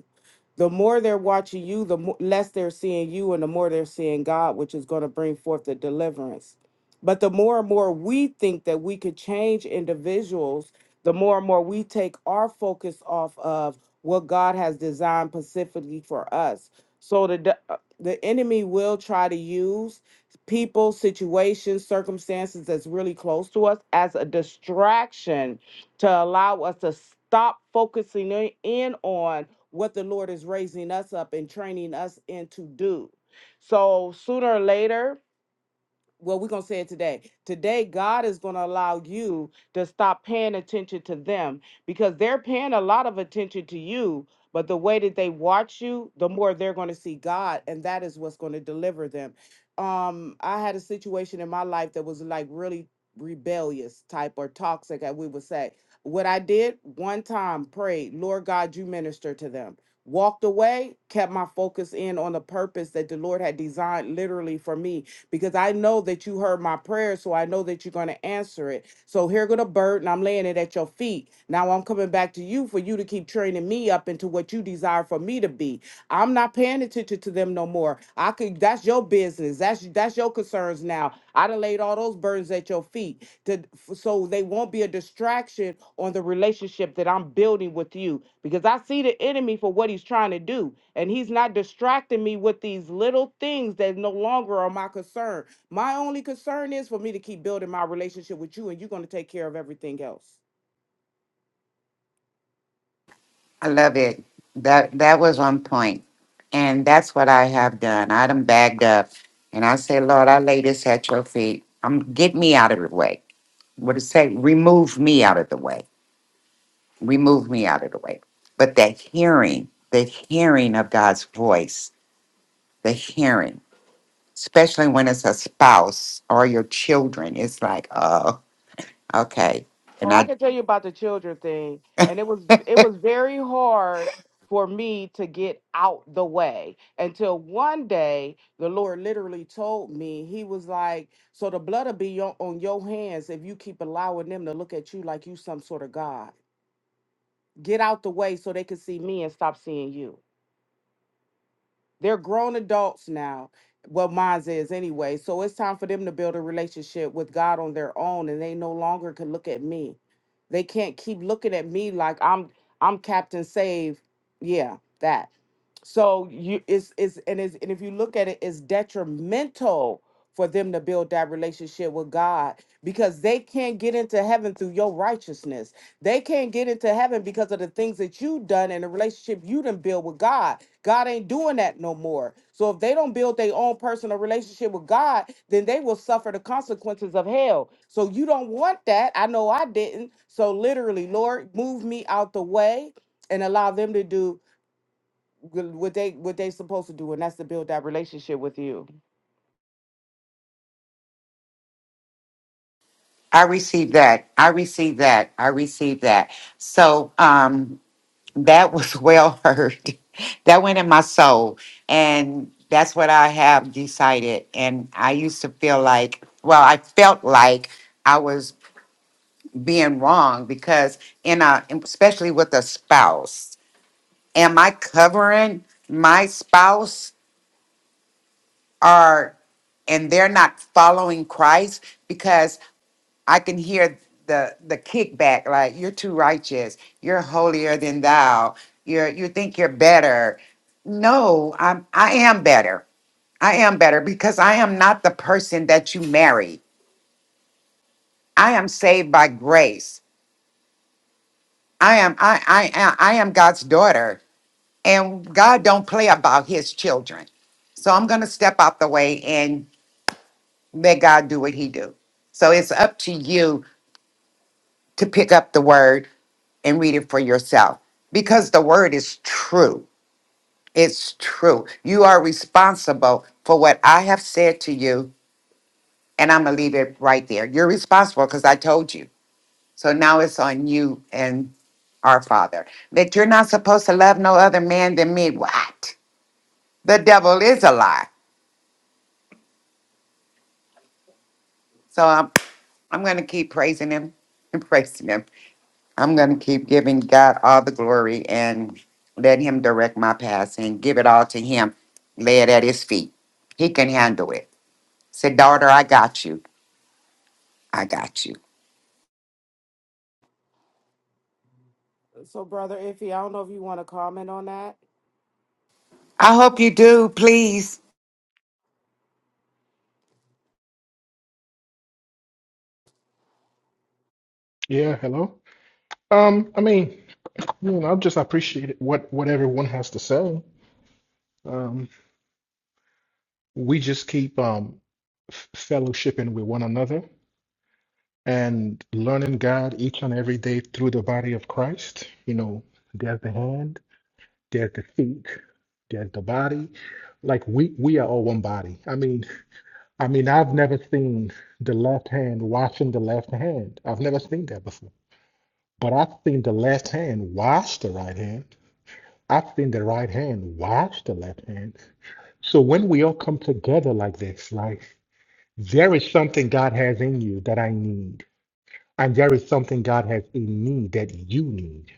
Speaker 1: the more they're watching you, the mo- less they're seeing you, and the more they're seeing God, which is going to bring forth the deliverance. But the more and more we think that we could change individuals, the more and more we take our focus off of what God has designed specifically for us. So the de- uh, the enemy will try to use people, situations, circumstances that's really close to us as a distraction to allow us to stop focusing in in on what the Lord is raising us up and training us in to do. So sooner or later, well, we're going to say it today. Today, God is going to allow you to stop paying attention to them because they're paying a lot of attention to you. But the way that they watch you, the more they're going to see God, and that is what's going to deliver them. Um, I had a situation in my life that was like really rebellious type or toxic, as we would say. What I did one time, prayed, Lord God, you minister to them walked away, kept my focus in on the purpose that the Lord had designed literally for me because I know that you heard my prayer, so I know that you're going to answer it. So here go the burden. I'm laying it at your feet. Now I'm coming back to you for you to keep training me up into what you desire for me to be. I'm not paying attention to them no more. I could that's your business. That's that's your concerns now. I done laid all those burdens at your feet to so they won't be a distraction on the relationship that I'm building with you because I see the enemy for what he's trying to do and he's not distracting me with these little things that no longer are my concern. My only concern is for me to keep building my relationship with you and you're going to take care of everything else.
Speaker 5: I love it. That that was on point. And that's what I have done. I done bagged up. And I say, Lord, I lay this at your feet. Um, get me out of the way. What it say? Remove me out of the way. Remove me out of the way. But that hearing, the hearing of God's voice, the hearing, especially when it's a spouse or your children, it's like, oh, okay. And
Speaker 1: Oh, I
Speaker 5: I
Speaker 1: can tell you about the children thing. And it was it was very hard for me to get out the way until one day the Lord literally told me, He was like, So the blood will be on, on your hands if you keep allowing them to look at you like you some sort of God. Get out the way so they can see me and stop seeing you. They're grown adults now. Well, mine is anyway. So it's time for them to build a relationship with God on their own, and they no longer can look at me. They can't keep looking at me like I'm I'm Captain Save. Yeah, that. So you it's it's and it's and if you look at it, it's detrimental for them to build that relationship with God because they can't get into heaven through your righteousness. They can't get into heaven because of the things that you have done and the relationship you done build with God. God ain't doing that no more. So if they don't build their own personal relationship with God, then they will suffer the consequences of hell. So you don't want that. I know I didn't. So literally, Lord, move me out the way and allow them to do wh- what they what they supposed to do, and that's to build that relationship with you.
Speaker 5: I received that. I received that. I received that. So um That was well heard. That went in my soul. And that's what I have decided. And I used to feel like, well, I felt like I was being wrong because, in a, especially with a spouse, am I covering my spouse or, and they're not following Christ? I can hear the the kickback like you're too righteous, you're holier than thou, you're you think you're better. No, I'm I am better. I am better because I am not the person that you marry. I am saved by grace. I am I I am I am God's daughter and God don't play about his children. So I'm going to step out the way and let God do what he do. So it's up to you to pick up the word and read it for yourself because the word is true. It's true. You are responsible for what I have said to you, and I'm going to leave it right there. You're responsible because I told you. So now it's on you and our Father that you're not supposed to love no other man than me. What? The devil is a lie. So I'm, I'm going to keep praising him and praising him. I'm going to keep giving God all the glory and let Him direct my path and give it all to Him. Lay it at His feet. He can handle it. Say, daughter, I got you. I got you.
Speaker 1: So, brother Iffy, I don't know if you want to comment on that.
Speaker 5: I hope you do, please.
Speaker 2: Yeah, hello. Um, I mean, you know, I just appreciate it, what what everyone has to say. Um, we just keep um f- fellowshipping with one another and learning God each and every day through the body of Christ. You know, there's the hand, there's the feet, there's the body. Like we we are all one body. I mean, I mean, I've never seen the left hand washing the left hand. I've never seen that before. But I've seen the left hand wash the right hand. I've seen the right hand wash the left hand. So when we all come together like this, like there is something God has in you that I need, and there is something God has in me that you need.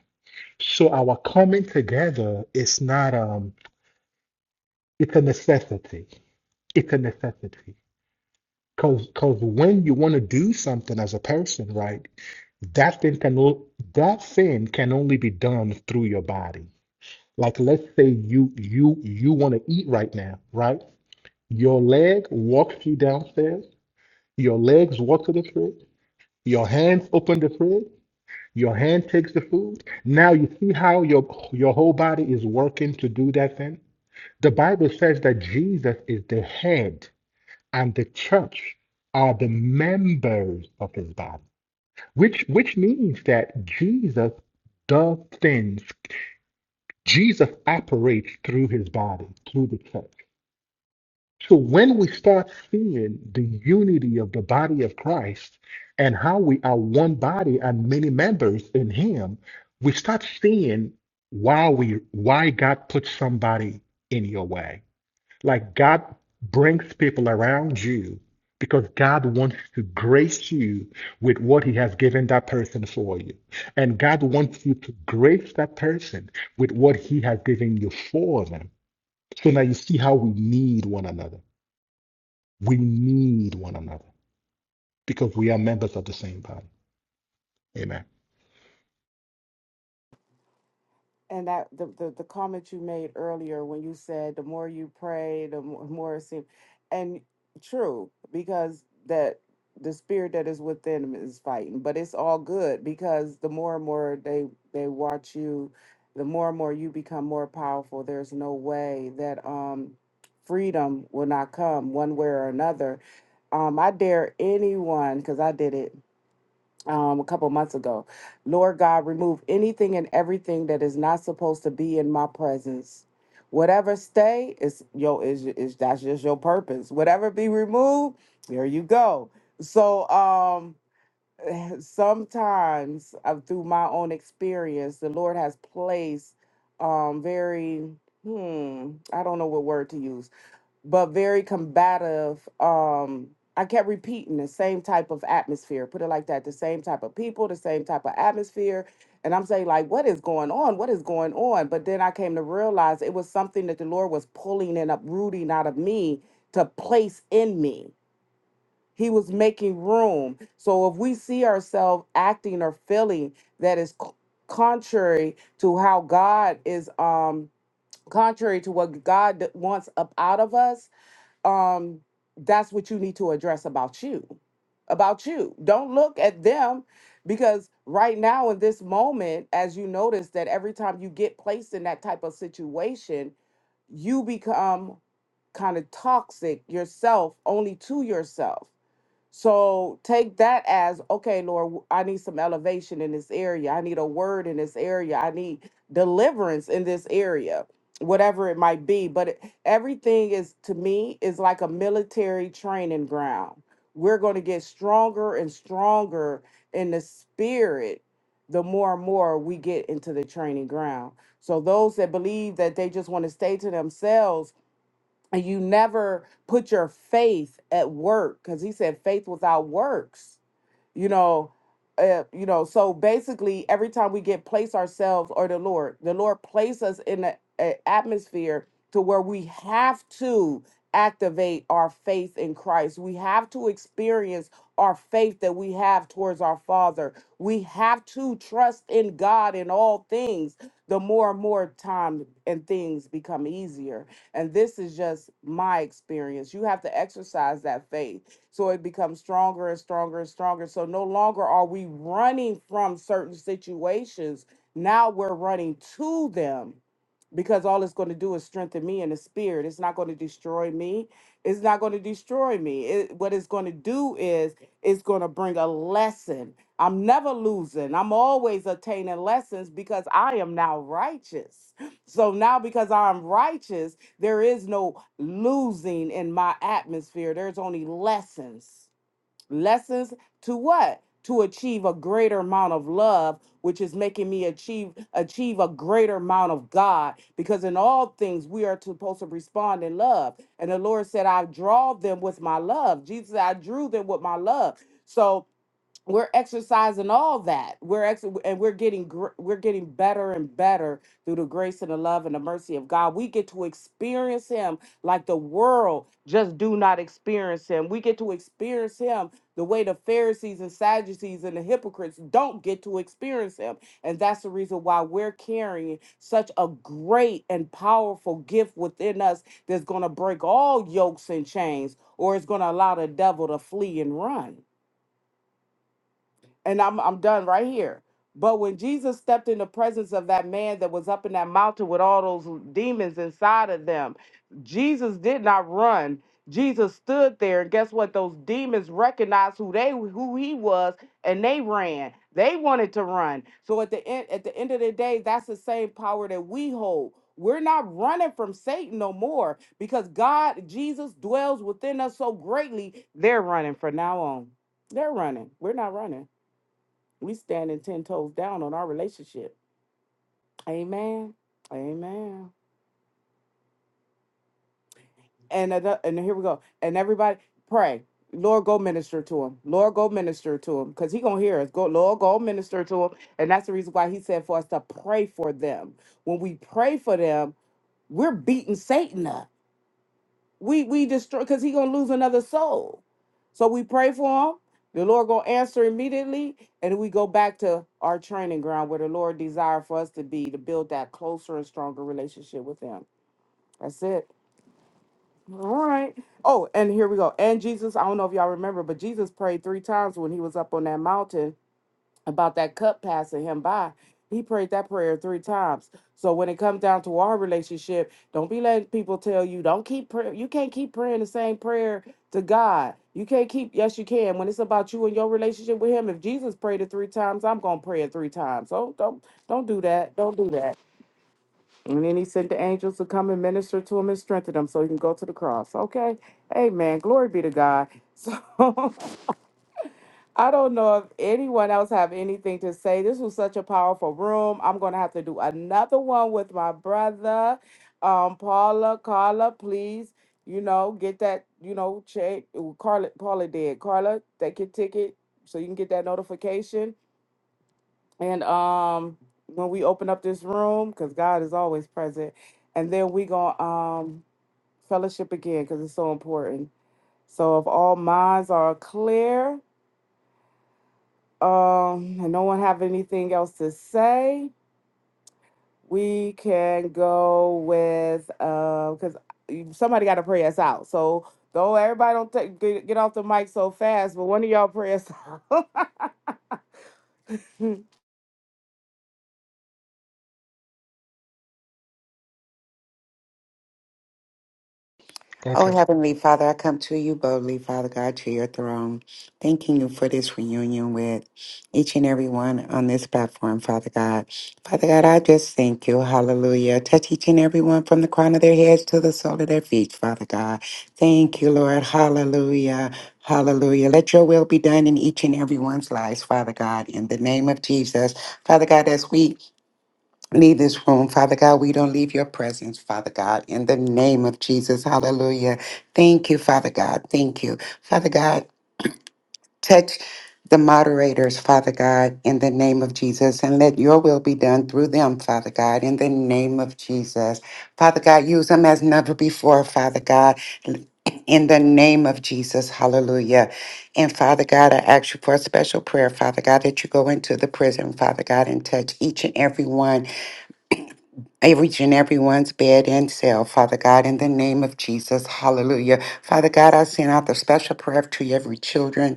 Speaker 2: So our coming together is not um, it's a necessity it's a necessity. Cause, cause when you want to do something as a person, right? that thing can o- that thing can only be done through your body like let's say you you you want to eat right now right your leg walks you downstairs your legs walk to the fridge your hands open the fridge your hand takes the food now you see how your your whole body is working to do that thing the bible says that jesus is the head and the church are the members of his body Which which means that Jesus does things. Jesus operates through his body, through the church. So when we start seeing the unity of the body of Christ and how we are one body and many members in him, we start seeing why we why God put somebody in your way. Like God brings people around you because God wants to grace you with what He has given that person for you. And God wants you to grace that person with what He has given you for them. So now you see how we need one another. We need one another because we are members of the same body. Amen.
Speaker 1: And that the, the the comment you made earlier when you said the more you pray, the more, more it seems, and true because that the spirit that is within them is fighting, but it's all good because the more and more they they watch you, the more and more you become more powerful. There's no way that um freedom will not come one way or another. Um, I dare anyone because I did it um, a couple months ago. Lord God, remove anything and everything that is not supposed to be in my presence. Whatever stay is yo is is that's just your purpose. Whatever be removed, there you go. So um sometimes uh, through my own experience, the Lord has placed um very hmm I don't know what word to use but very combative. Um, I kept repeating the same type of atmosphere, put it like that, the same type of people, the same type of atmosphere. And I'm saying, like, what is going on? What is going on? But then I came to realize it was something that the Lord was pulling and uprooting out of me to place in me. He was making room. So if we see ourselves acting or feeling that is c- contrary to how God is, um, contrary to what God wants up out of us, um, that's what you need to address about you. About you. Don't look at them because right now, in this moment, as you notice that every time you get placed in that type of situation, you become kind of toxic yourself only to yourself. So take that as okay, Lord, w- I need some elevation in this area. I need a word in this area. I need deliverance in this area, whatever it might be. But it- everything is to me is like a military training ground. We're going to get stronger and stronger in the spirit the more and more we get into the training ground. So those that believe that they just want to stay to themselves and you never put your faith at work because he said faith without works you know uh, you know so basically every time we get place ourselves or the lord the lord place us in an atmosphere to where we have to activate our faith in christ we have to experience our faith that we have towards our father we have to trust in god in all things the more and more time and things become easier and this is just my experience you have to exercise that faith so it becomes stronger and stronger and stronger. So no longer are we running from certain situations. Now we're running to them because all it's going to do is strengthen me in the spirit. It's not going to destroy me. It's not going to destroy me. It, what it's going to do is it's going to bring a lesson. I'm never losing. I'm always attaining lessons because I am now righteous. So now because I'm righteous, there is no losing in my atmosphere. There's only lessons. Lessons to what? To achieve a greater amount of love, which is making me achieve achieve a greater amount of God. Because in all things we are supposed to respond in love. And the Lord said, I draw them with my love. Jesus, said, I drew them with my love. So we're exercising all that we're ex- and we're getting gr- we're getting better and better through the grace and the love and the mercy of god we get to experience him like the world just do not experience him we get to experience him the way the pharisees and sadducees and the hypocrites don't get to experience him and that's the reason why we're carrying such a great and powerful gift within us that's going to break all yokes and chains or it's going to allow the devil to flee and run and I'm I'm done right here. But when Jesus stepped in the presence of that man that was up in that mountain with all those demons inside of them, Jesus did not run. Jesus stood there, and guess what? Those demons recognized who they who he was, and they ran. They wanted to run. So at the end, at the end of the day, that's the same power that we hold. We're not running from Satan no more because God, Jesus dwells within us so greatly. They're running from now on. They're running. We're not running we standing ten toes down on our relationship. Amen. Amen. And ano- and here we go. And everybody pray. Lord, go minister to him. Lord, go minister to him, because he gonna hear us. Go, Lord, go minister to him, and that's the reason why he said for us to pray for them. When we pray for them, we're beating Satan up. we we destroy because he gonna lose another soul. So we pray for him. The Lord gonna answer immediately, and we go back to our training ground where the Lord desire for us to be to build that closer and stronger relationship with Him. That's it. All right. Oh, and here we go. And Jesus, I don't know if y'all remember, but Jesus prayed three times when he was up on that mountain about that cup passing him by. He prayed that prayer three times. So when it comes down to our relationship, don't be letting people tell you don't keep praying. You can't keep praying the same prayer to God. You can't keep. Yes, you can. When it's about you and your relationship with Him, if Jesus prayed it three times, I'm gonna pray it three times. So don't don't do that. Don't do that. And then He sent the angels to come and minister to him and strengthen him so he can go to the cross. Okay, Amen. Glory be to God. So I don't know if anyone else have anything to say. This was such a powerful room. I'm gonna have to do another one with my brother, um, Paula, Carla. Please, you know, get that, you know, check. Ooh, Carla, Paula did. Carla, take your ticket so you can get that notification. And um, when we open up this room, because God is always present, and then we gonna um fellowship again because it's so important. So if all minds are clear. Um, and no one have anything else to say. We can go with uh, because somebody got to pray us out. So though everybody don't take, get, get off the mic so fast, but one of y'all pray us out.
Speaker 5: Oh,
Speaker 2: Okay.
Speaker 5: Heavenly Father, I come to you boldly, Father God, to your throne, thanking you for this reunion with each and every one on this platform, Father God. Father God, I just thank you. Hallelujah. Touch each and every one from the crown of their heads to the sole of their feet, Father God. Thank you, Lord. Hallelujah. Hallelujah. Let your will be done in each and every one's lives, Father God, in the name of Jesus. Father God, as we leave this room, Father God. We don't leave your presence, Father God, in the name of Jesus. Hallelujah. Thank you, Father God. Thank you, Father God. Touch the moderators, Father God, in the name of Jesus, and let your will be done through them, Father God, in the name of Jesus. Father God, use them as never before, Father God. In the name of Jesus, hallelujah. And Father God, I ask you for a special prayer, Father God, that you go into the prison, Father God, and touch each and every one each and everyone's bed and cell, Father God, in the name of Jesus. Hallelujah. Father God, I send out the special prayer to every children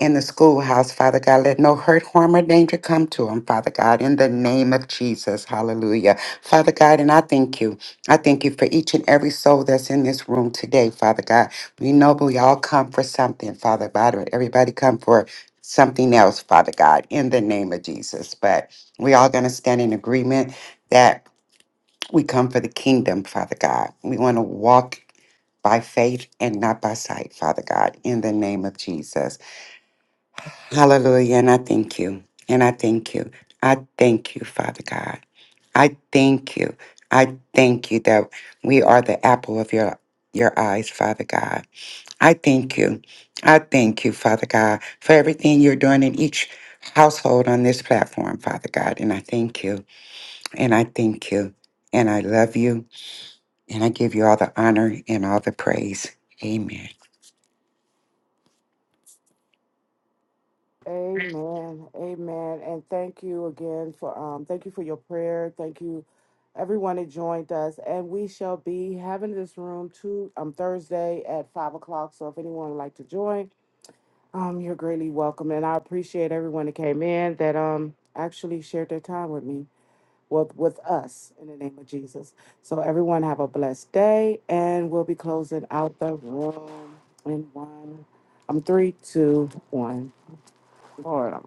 Speaker 5: in the schoolhouse, Father God. Let no hurt, harm, or danger come to them, Father God, in the name of Jesus. Hallelujah. Father God, and I thank you. I thank you for each and every soul that's in this room today, Father God. We know we all come for something, Father God, or everybody come for something else, Father God, in the name of Jesus. But we all going to stand in agreement that we come for the kingdom, Father God. We want to walk by faith and not by sight, Father God, in the name of Jesus. Hallelujah. And I thank you. And I thank you. I thank you, Father God. I thank you. I thank you that we are the apple of your your eyes, Father God. I thank you. I thank you, Father God, for everything you're doing in each household on this platform, Father God. And I thank you. And I thank you. And I love you And I give you all the honor and all the praise. Amen.
Speaker 1: amen, amen, and thank you again for um, thank you for your prayer. Thank you, everyone that joined us, and we shall be having this room to um Thursday at five o'clock. So if anyone would like to join. Um, you're greatly welcome, and I appreciate everyone that came in that um actually shared their time with me, with with us, in the name of Jesus. So everyone have a blessed day, and we'll be closing out the room in one, um, three, two, one. Lord, I'm